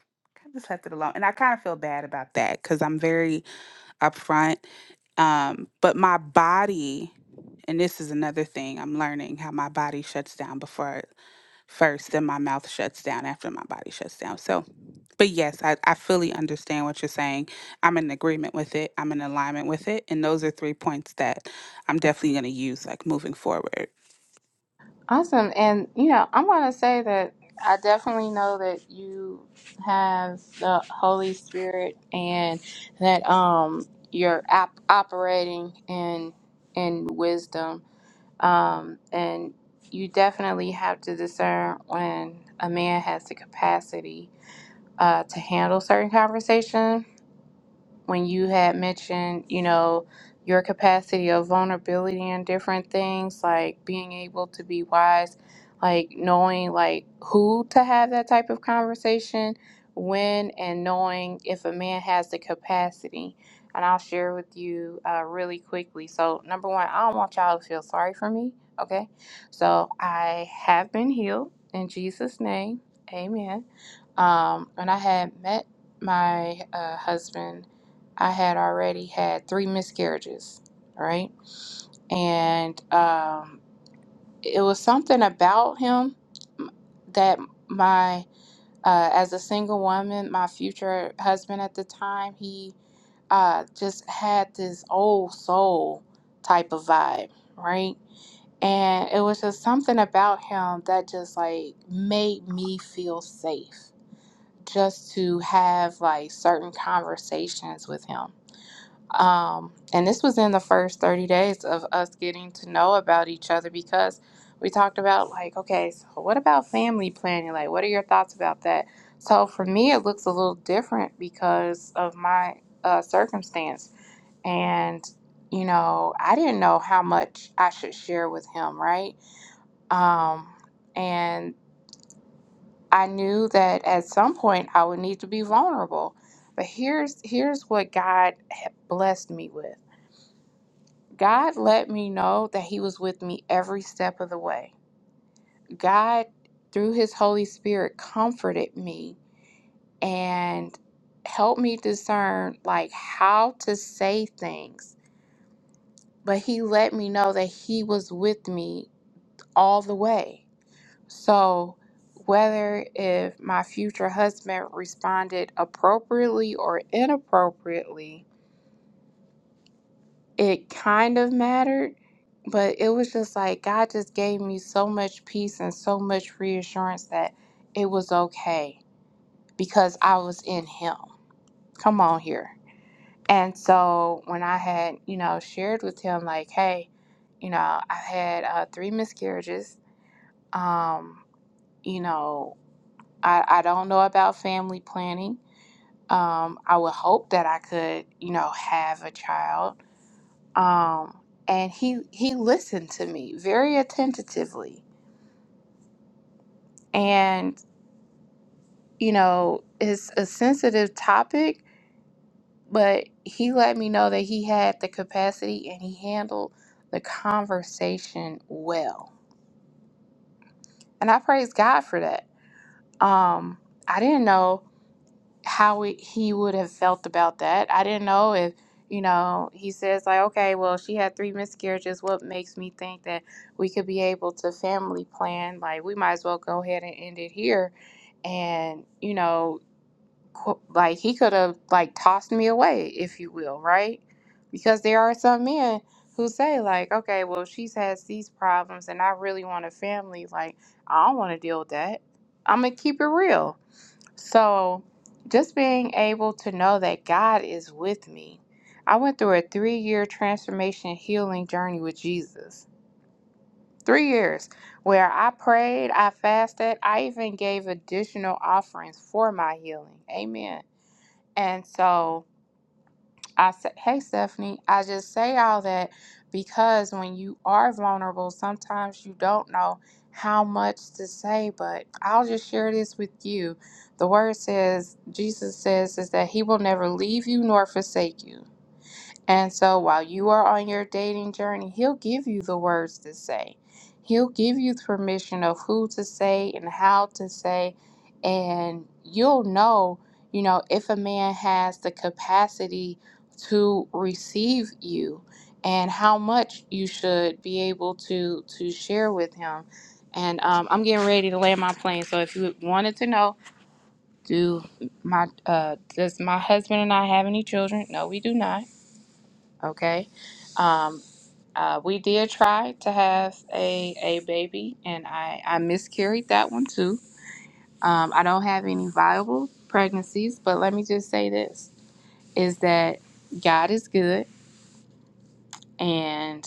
Speaker 5: of just left it alone and i kind of feel bad about that because i'm very upfront um but my body and this is another thing i'm learning how my body shuts down before first, then my mouth shuts down after my body shuts down. So, but yes, I, I fully understand what you're saying. I'm in agreement with it, I'm in alignment with it. And those are three points that I'm definitely going to use like moving forward.
Speaker 1: Awesome. And, you know, I am going to say that I definitely know that you have the Holy Spirit and that um, you're op- operating in, in wisdom. Um, and you definitely have to discern when a man has the capacity uh, to handle certain conversations when you had mentioned, you know, your capacity of vulnerability and different things, like being able to be wise, like knowing like who to have that type of conversation, when, and knowing if a man has the capacity. And I'll share with you uh, really quickly. So, number one, I don't want y'all to feel sorry for me. Okay. So, I have been healed in Jesus' name. Amen. Um, when I had met my uh, husband, I had already had three miscarriages, right? And um, it was something about him that my, uh, as a single woman, my future husband at the time, he uh, just had this old soul type of vibe, right? And it was just something about him that just like made me feel safe just to have like certain conversations with him um, and this was in the first 30 days of us getting to know about each other because we talked about, like, okay, so what about family planning? Like, what are your thoughts about that? So for me, it looks a little different because of my uh, circumstance. And, you know, I didn't know how much I should share with him, right? Um, and I knew that at some point I would need to be vulnerable. But here's here's what God had blessed me with. God let me know that He was with me every step of the way. God, through His Holy Spirit, comforted me and helped me discern like how to say things. But He let me know that He was with me all the way. So whether if my future husband responded appropriately or inappropriately, it kind of mattered, but it was just like God just gave me so much peace and so much reassurance that it was okay because I was in Him. Come on here. And so when I had, you know, shared with him, like, hey, you know, I've had uh, three miscarriages. Um, you know, I, I don't know about family planning. Um, I would hope that I could, you know, have a child um, and he he listened to me very attentively and you know it's a sensitive topic but he let me know that he had the capacity and he handled the conversation well and i praise god for that um i didn't know how it, he would have felt about that. I didn't know if, you know, he says, like, okay, well, she had three miscarriages. What makes me think that we could be able to family plan? Like, we might as well go ahead and end it here. And, you know, qu- like, he could have, like, tossed me away, if you will, right? Because there are some men who say, like, okay, well, she's has these problems and I really want a family. Like, I don't want to deal with that. I'm going to keep it real. So, just being able to know that God is with me. I went through a three year transformation healing journey with Jesus. Three years where I prayed, I fasted, I even gave additional offerings for my healing. Amen. And so, I said, hey, Stephanie, I just say all that because when you are vulnerable, sometimes you don't know how much to say, but I'll just share this with you. The word says, Jesus says, is that he will never leave you nor forsake you. And so while you are on your dating journey, he'll give you the words to say. He'll give you permission of who to say and how to say. And you'll know, you know, if a man has the capacity to receive you and how much you should be able to to share with him. And um, I'm getting ready to land my plane. So if you wanted to know, do my uh, does my husband and I have any children? No, we do not Okay. Um, uh, we did try to have a, a baby, and I, I miscarried that one too. Um, I don't have any viable pregnancies, but let me just say this is that God is good and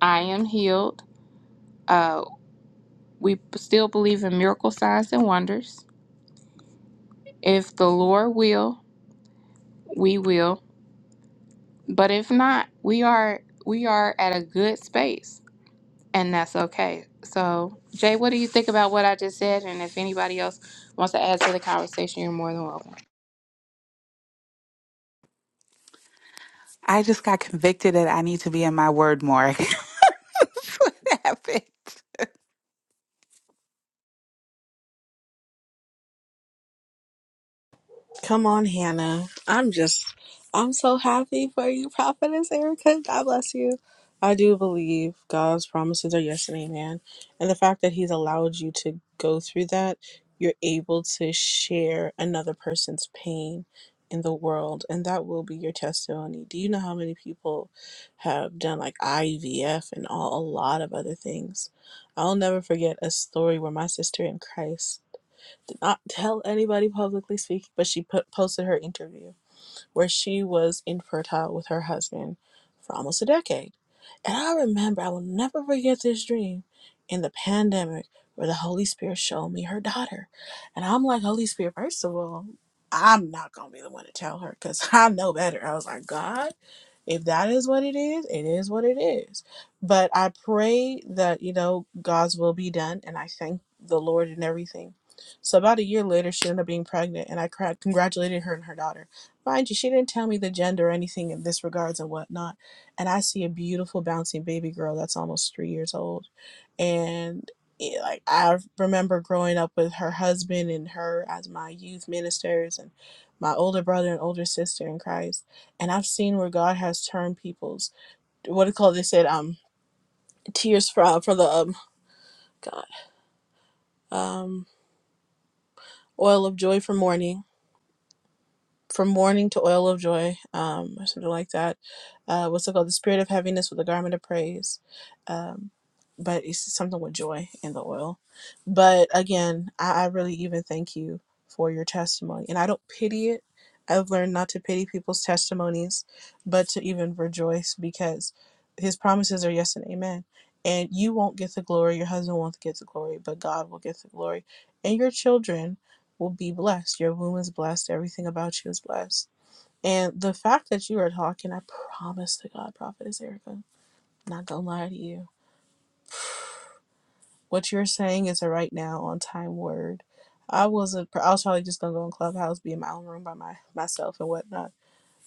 Speaker 1: I am healed. Uh, we still believe in miracle signs and wonders. If the Lord will, we will. But if not, we are we are at a good space and that's okay. So, Jay, what do you think about what I just said? And if anybody else wants to add to the conversation, you're more than welcome.
Speaker 5: I just got convicted that I need to be in my word more. That's what happened.
Speaker 2: Come on, Hannah. I'm just, I'm so happy for you, Prophetess Erica. God bless you. I do believe God's promises are yes and amen. And the fact that He's allowed you to go through that, you're able to share another person's pain in the world. And that will be your testimony. Do you know how many people have done like IVF and all, a lot of other things? I'll never forget a story where my sister in Christ did not tell anybody publicly speaking, but she put, posted her interview where she was infertile with her husband for almost a decade. And I remember, I will never forget this dream in the pandemic where the Holy Spirit showed me her daughter. And I'm like, Holy Spirit, first of all, I'm not going to be the one to tell her because I know better. I was like, God, if that is what it is, it is what it is. But I pray that, you know, God's will be done. And I thank the Lord and everything. So about a year later, she ended up being pregnant, and I cra- congratulated her and her daughter. Mind you, she didn't tell me the gender or anything in this regards and whatnot. And I see a beautiful bouncing baby girl that's almost three years old. And it, like I remember growing up with her husband and her as my youth ministers and my older brother and older sister in Christ. And I've seen where God has turned people's what do you call it? they said um tears from for the um God um oil of joy for mourning from mourning to oil of joy, um, or something like that. Uh, what's it called? The spirit of heaviness with the garment of praise. Um, but it's something with joy and the oil. But again, I, I really even thank you for your testimony. And I don't pity it. I've learned not to pity people's testimonies, but to even rejoice because his promises are yes and amen. And you won't get the glory, your husband won't get the glory, but God will get the glory. And your children will be blessed. Your womb is blessed. Everything about you is blessed. And the fact that you are talking, I promise to God, Prophetess Erica, I'm not gonna lie to you. What you're saying is a right now on time word. I wasn't. I was probably just gonna go in clubhouse, be in my own room by my myself and whatnot.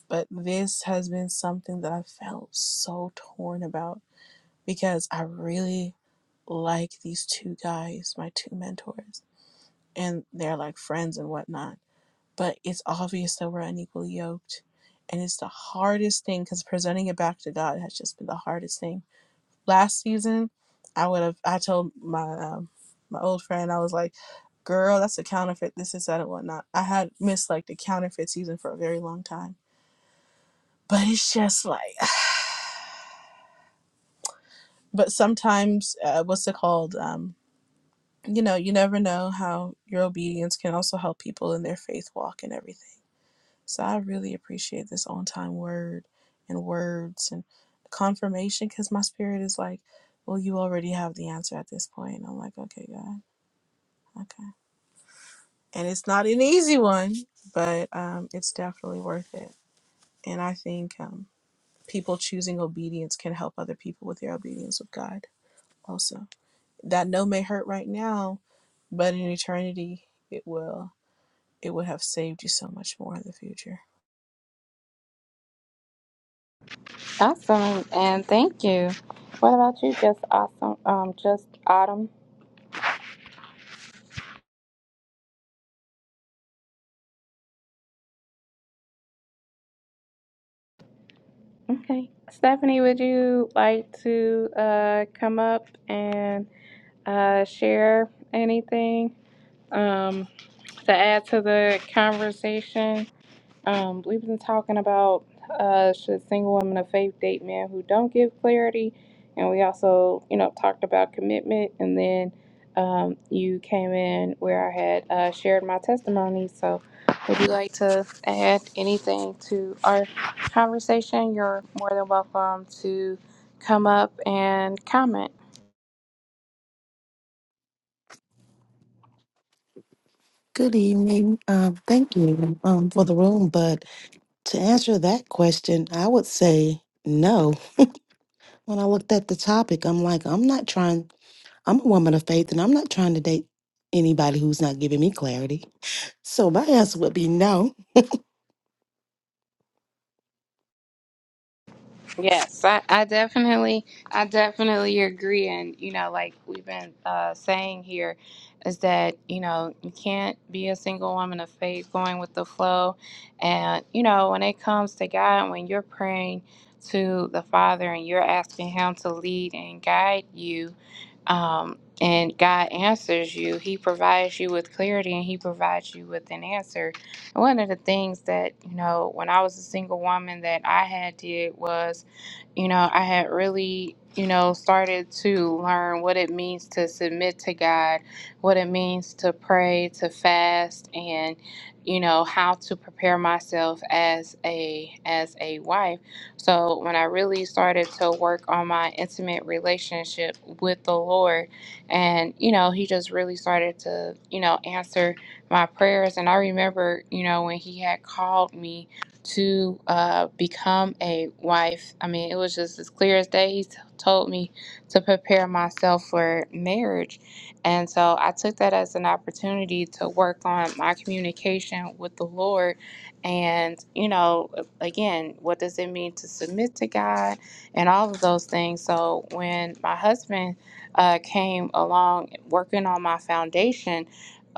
Speaker 2: But this has been something that I felt so torn about because I really like these two guys, my two mentors, and they're like friends and whatnot but it's obvious that we're unequally yoked. And it's the hardest thing because presenting it back to God has just been the hardest thing. Last season, I would have, I told my um, my old friend, I was like, girl, that's a counterfeit, this is that and whatnot. I had missed like the counterfeit season for a very long time. But it's just like, but sometimes, uh, what's it called? Um, you know, you never know how your obedience can also help people in their faith walk and everything. So I really appreciate this on time word and words and confirmation because my spirit is like, well, you already have the answer at this point. And I'm like, okay, God, okay. And it's not an easy one, but um, it's definitely worth it. And I think um, people choosing obedience can help other people with their obedience with God also. That no may hurt right now, but in eternity, it will. It would have saved you so much more in the future.
Speaker 1: Awesome, and thank you. What about you? Just awesome. Um, just autumn. Okay, Stephanie, would you like to uh come up and uh share anything um to add to the conversation? Um, we've been talking about uh, should single women of faith date men who don't give clarity, and we also, you know, talked about commitment, and then um, you came in where I had uh, shared my testimony. So, would you like to add anything to our conversation? You're more than welcome to come up and comment.
Speaker 6: Good evening. Um, thank you um, for the room. But to answer that question, I would say no. When I looked at the topic, I'm like, I'm not trying, I'm a woman of faith and I'm not trying to date anybody who's not giving me clarity. So my answer would be no.
Speaker 1: Yes, I, I definitely, I definitely agree. And, you know, like we've been uh, saying here, is that, you know, you can't be a single woman of faith going with the flow. And, you know, when it comes to God, when you're praying to the Father and you're asking Him to lead and guide you, um, and God answers you, He provides you with clarity and He provides you with an answer. one of the things that, you know, when I was a single woman that I had did was, you know, I had really, you know, started to learn what it means to submit to God, what it means to pray, to fast, and you know how to prepare myself as a as a wife. So when I really started to work on my intimate relationship with the Lord, and you know, He just really started to you know answer my prayers. And I remember, you know, when He had called me to uh, become a wife. I mean, it was just as clear as day. He t- told me to prepare myself for marriage. And so I took that as an opportunity to work on my communication with the Lord. And, you know, again, what does it mean to submit to God and all of those things? So when my husband uh, came along working on my foundation,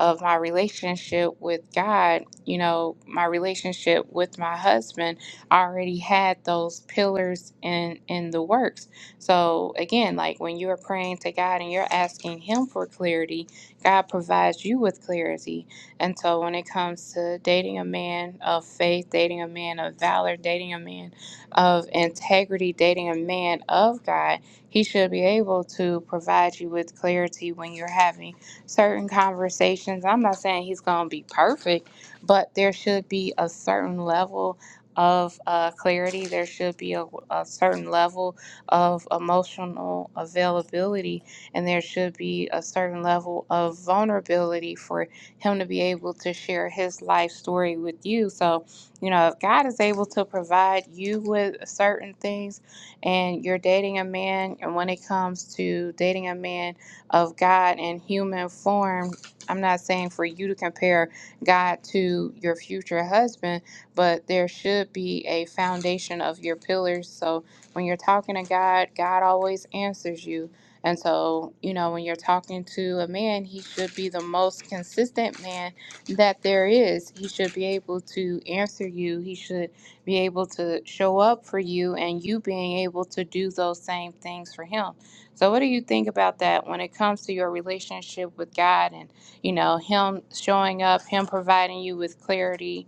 Speaker 1: of my relationship with God, you know, my relationship with my husband, I already had those pillars in in the works. So again, like when you are praying to God and you're asking him for clarity, God provides you with clarity. And so when it comes to dating a man of faith, dating a man of valor, dating a man of integrity, dating a man of God, he should be able to provide you with clarity when you're having certain conversations. I'm not saying he's going to be perfect but there should be a certain level of uh, clarity. There should be a, a certain level of emotional availability, and there should be a certain level of vulnerability for him to be able to share his life story with you. So, you know, if God is able to provide you with certain things, and you're dating a man, and when it comes to dating a man of God in human form, I'm not saying for you to compare God to your future husband, but there should be a foundation of your pillars. So when you're talking to God, God always answers you. And so, you know, when you're talking to a man, he should be the most consistent man that there is. He should be able to answer you. He should be able to show up for you and you being able to do those same things for him. So, what do you think about that when it comes to your relationship with God? and? you know, him showing up, him providing you with clarity.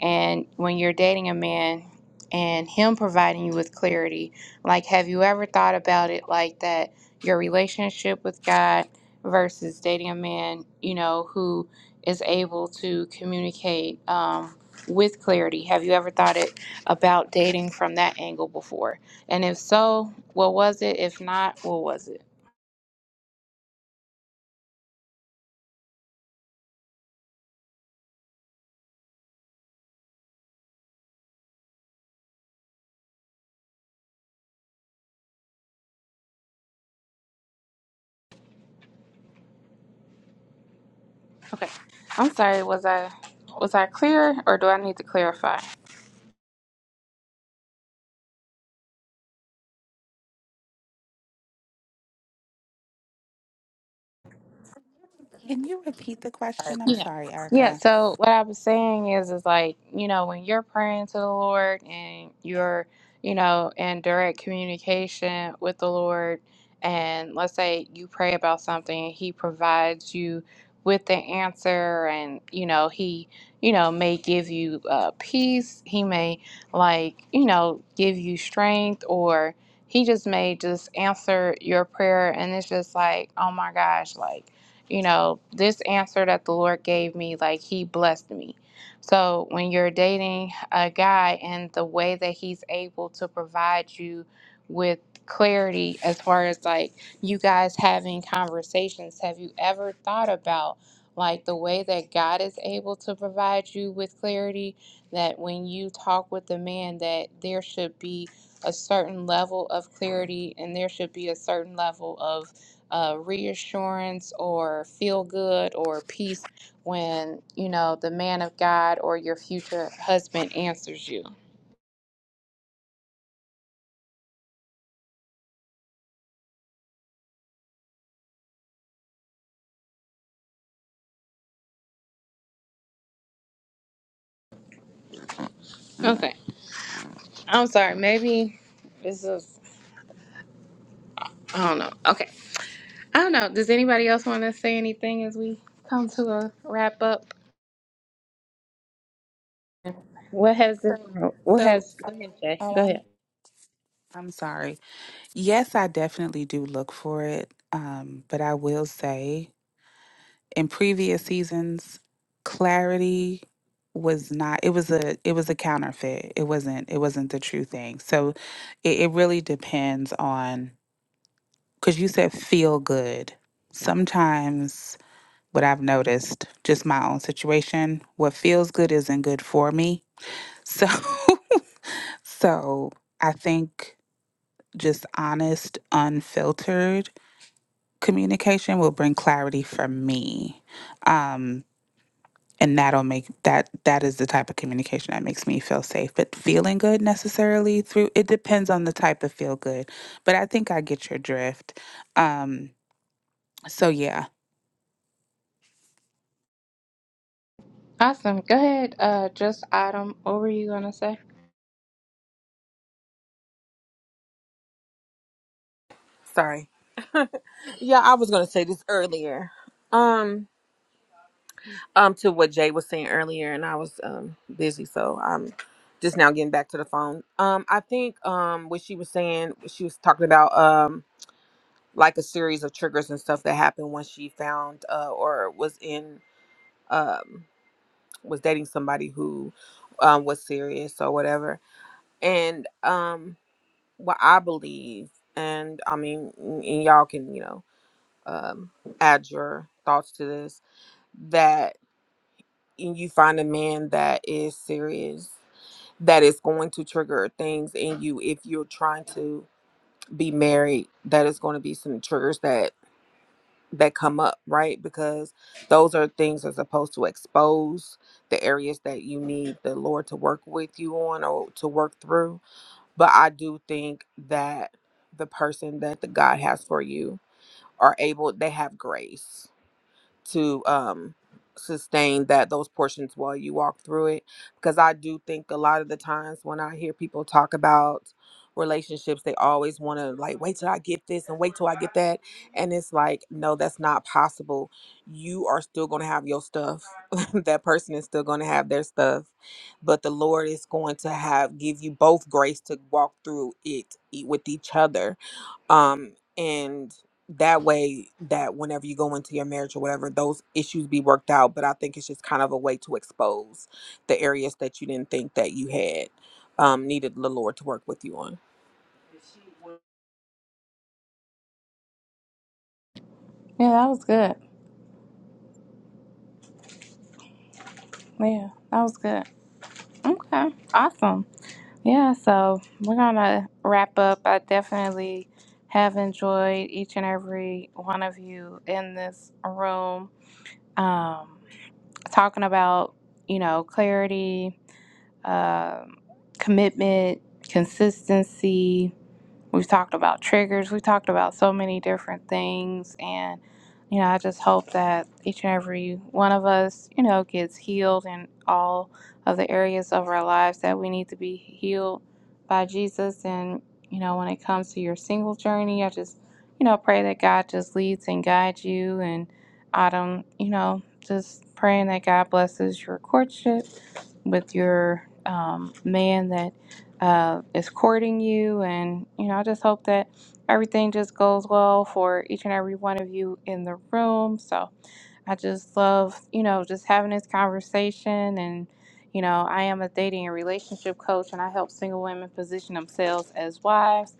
Speaker 1: And when you're dating a man and him providing you with clarity, like, have you ever thought about it like that? Your relationship with God versus dating a man, you know, who is able to communicate um, with clarity. Have you ever thought it about dating from that angle before? And if so, what was it? If not, what was it? Okay. I'm sorry, was I was I clear or do I need to clarify?
Speaker 5: Can you repeat the question? I'm
Speaker 1: Yeah.
Speaker 5: sorry,
Speaker 1: Yeah.
Speaker 5: Erica.
Speaker 1: So what I was saying is, is like, you know, when you're praying to the Lord and you're, you know, in direct communication with the Lord, and let's say you pray about something, He provides you with the answer, and, you know, He, you know, may give you uh, peace. He may, like, you know, give you strength, or He just may just answer your prayer. And it's just like, oh my gosh, like, you know, this answer that the Lord gave me, like He blessed me. So when you're dating a guy and the way that He's able to provide you with clarity as far as like you guys having conversations, have you ever thought about like the way that God is able to provide you with clarity? That when you talk with the man, that there should be a certain level of clarity and there should be a certain level of uh, reassurance or feel good or peace when you know the man of God or your future husband answers you. Okay, I'm sorry. Maybe this is I don't know. Okay, I don't know. Does anybody else want to say anything as we come to a wrap up? What has this? What
Speaker 5: So,
Speaker 1: has? Go ahead, Jay.
Speaker 5: oh,
Speaker 1: Go
Speaker 5: I'm.
Speaker 1: ahead.
Speaker 5: I'm sorry. Yes, I definitely do look for it. Um, but I will say in previous seasons clarity was not it was a it was a counterfeit it wasn't it wasn't the true thing so it, it really depends on because you said feel good sometimes what i've noticed just my own situation what feels good isn't good for me so so i think just honest unfiltered communication will bring clarity for me Um, and that'll make that that is the type of communication that makes me feel safe but feeling good necessarily through it depends on the type of feel good but i think i get your drift um so yeah
Speaker 1: Awesome. Go ahead. Uh, just Autumn. What were you gonna say?
Speaker 4: Sorry. Yeah, I was going to say this earlier. Um, Um, to what Jay was saying earlier, and I was um busy, so I'm just now getting back to the phone. Um, I think um what she was saying, she was talking about um like a series of triggers and stuff that happened when she found uh or was in um was dating somebody who um was serious or whatever. And um what I believe, and I mean, and y'all can you know um add your thoughts to this that and you find a man that is serious, that is going to trigger things in you if you're trying to be married, that is going to be some triggers that that come up, right? Because those are things that's supposed to expose the areas that you need the Lord to work with you on or to work through. But I do think that the person that the God has for you are able they have grace to um sustain that those portions while you walk through it because I do think a lot of the times when I hear people talk about relationships they always want to like wait till I get this and wait till I get that and it's like no that's not possible you are still going to have your stuff that person is still going to have their stuff but the Lord is going to have give you both grace to walk through it e- with each other um and that way that whenever you go into your marriage or whatever those issues be worked out but i think it's just kind of a way to expose the areas that you didn't think that you had um needed the lord to work with you on
Speaker 1: Yeah, that was good. Yeah, that was good. Okay. Awesome. Yeah, so we're gonna wrap up. I definitely have enjoyed each and every one of you in this room, um, talking about you know clarity, um commitment, consistency. We've talked about triggers. We talked about so many different things. And, you know, I just hope that each and every one of us, you know, gets healed in all of the areas of our lives that we need to be healed by Jesus. And, you know, when it comes to your single journey, I just, you know, pray that God just leads and guides you. And Autumn, you know, just praying that God blesses your courtship with your um, man that uh, is courting you. And, you know, I just hope that everything just goes well for each and every one of you in the room. So, I just love, you know, just having this conversation. And, you know, I am a dating and relationship coach, and I help single women position themselves as wives.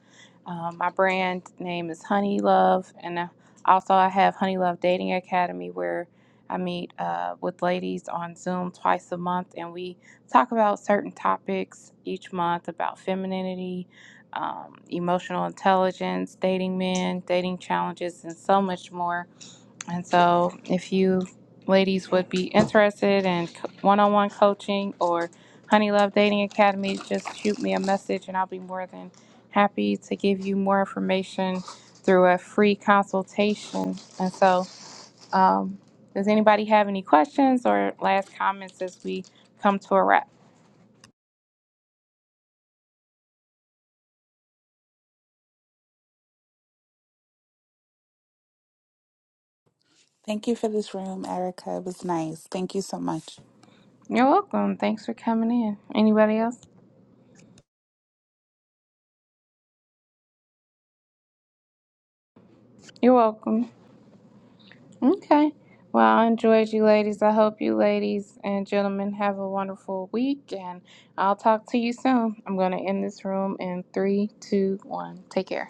Speaker 1: Um, my brand name is Honey Love, and uh, also I have Honey Love Dating Academy where I meet uh, with ladies on Zoom twice a month, and we talk about certain topics each month about femininity, um, emotional intelligence, dating men, dating challenges, and so much more. And so, if you ladies would be interested in co- one-on-one coaching or Honey Love Dating Academy, just shoot me a message, and I'll be more than happy to give you more information through a free consultation. And so, um, does anybody have any questions or last comments as we come to a wrap?
Speaker 5: thank you for this room erica it was nice thank you so much
Speaker 1: You're welcome. Thanks for coming in. Anybody else? You're welcome. Okay. Well, I enjoyed you ladies. I hope you ladies and gentlemen have a wonderful week, and I'll talk to you soon. I'm going to end this room in three, two, one. Take care.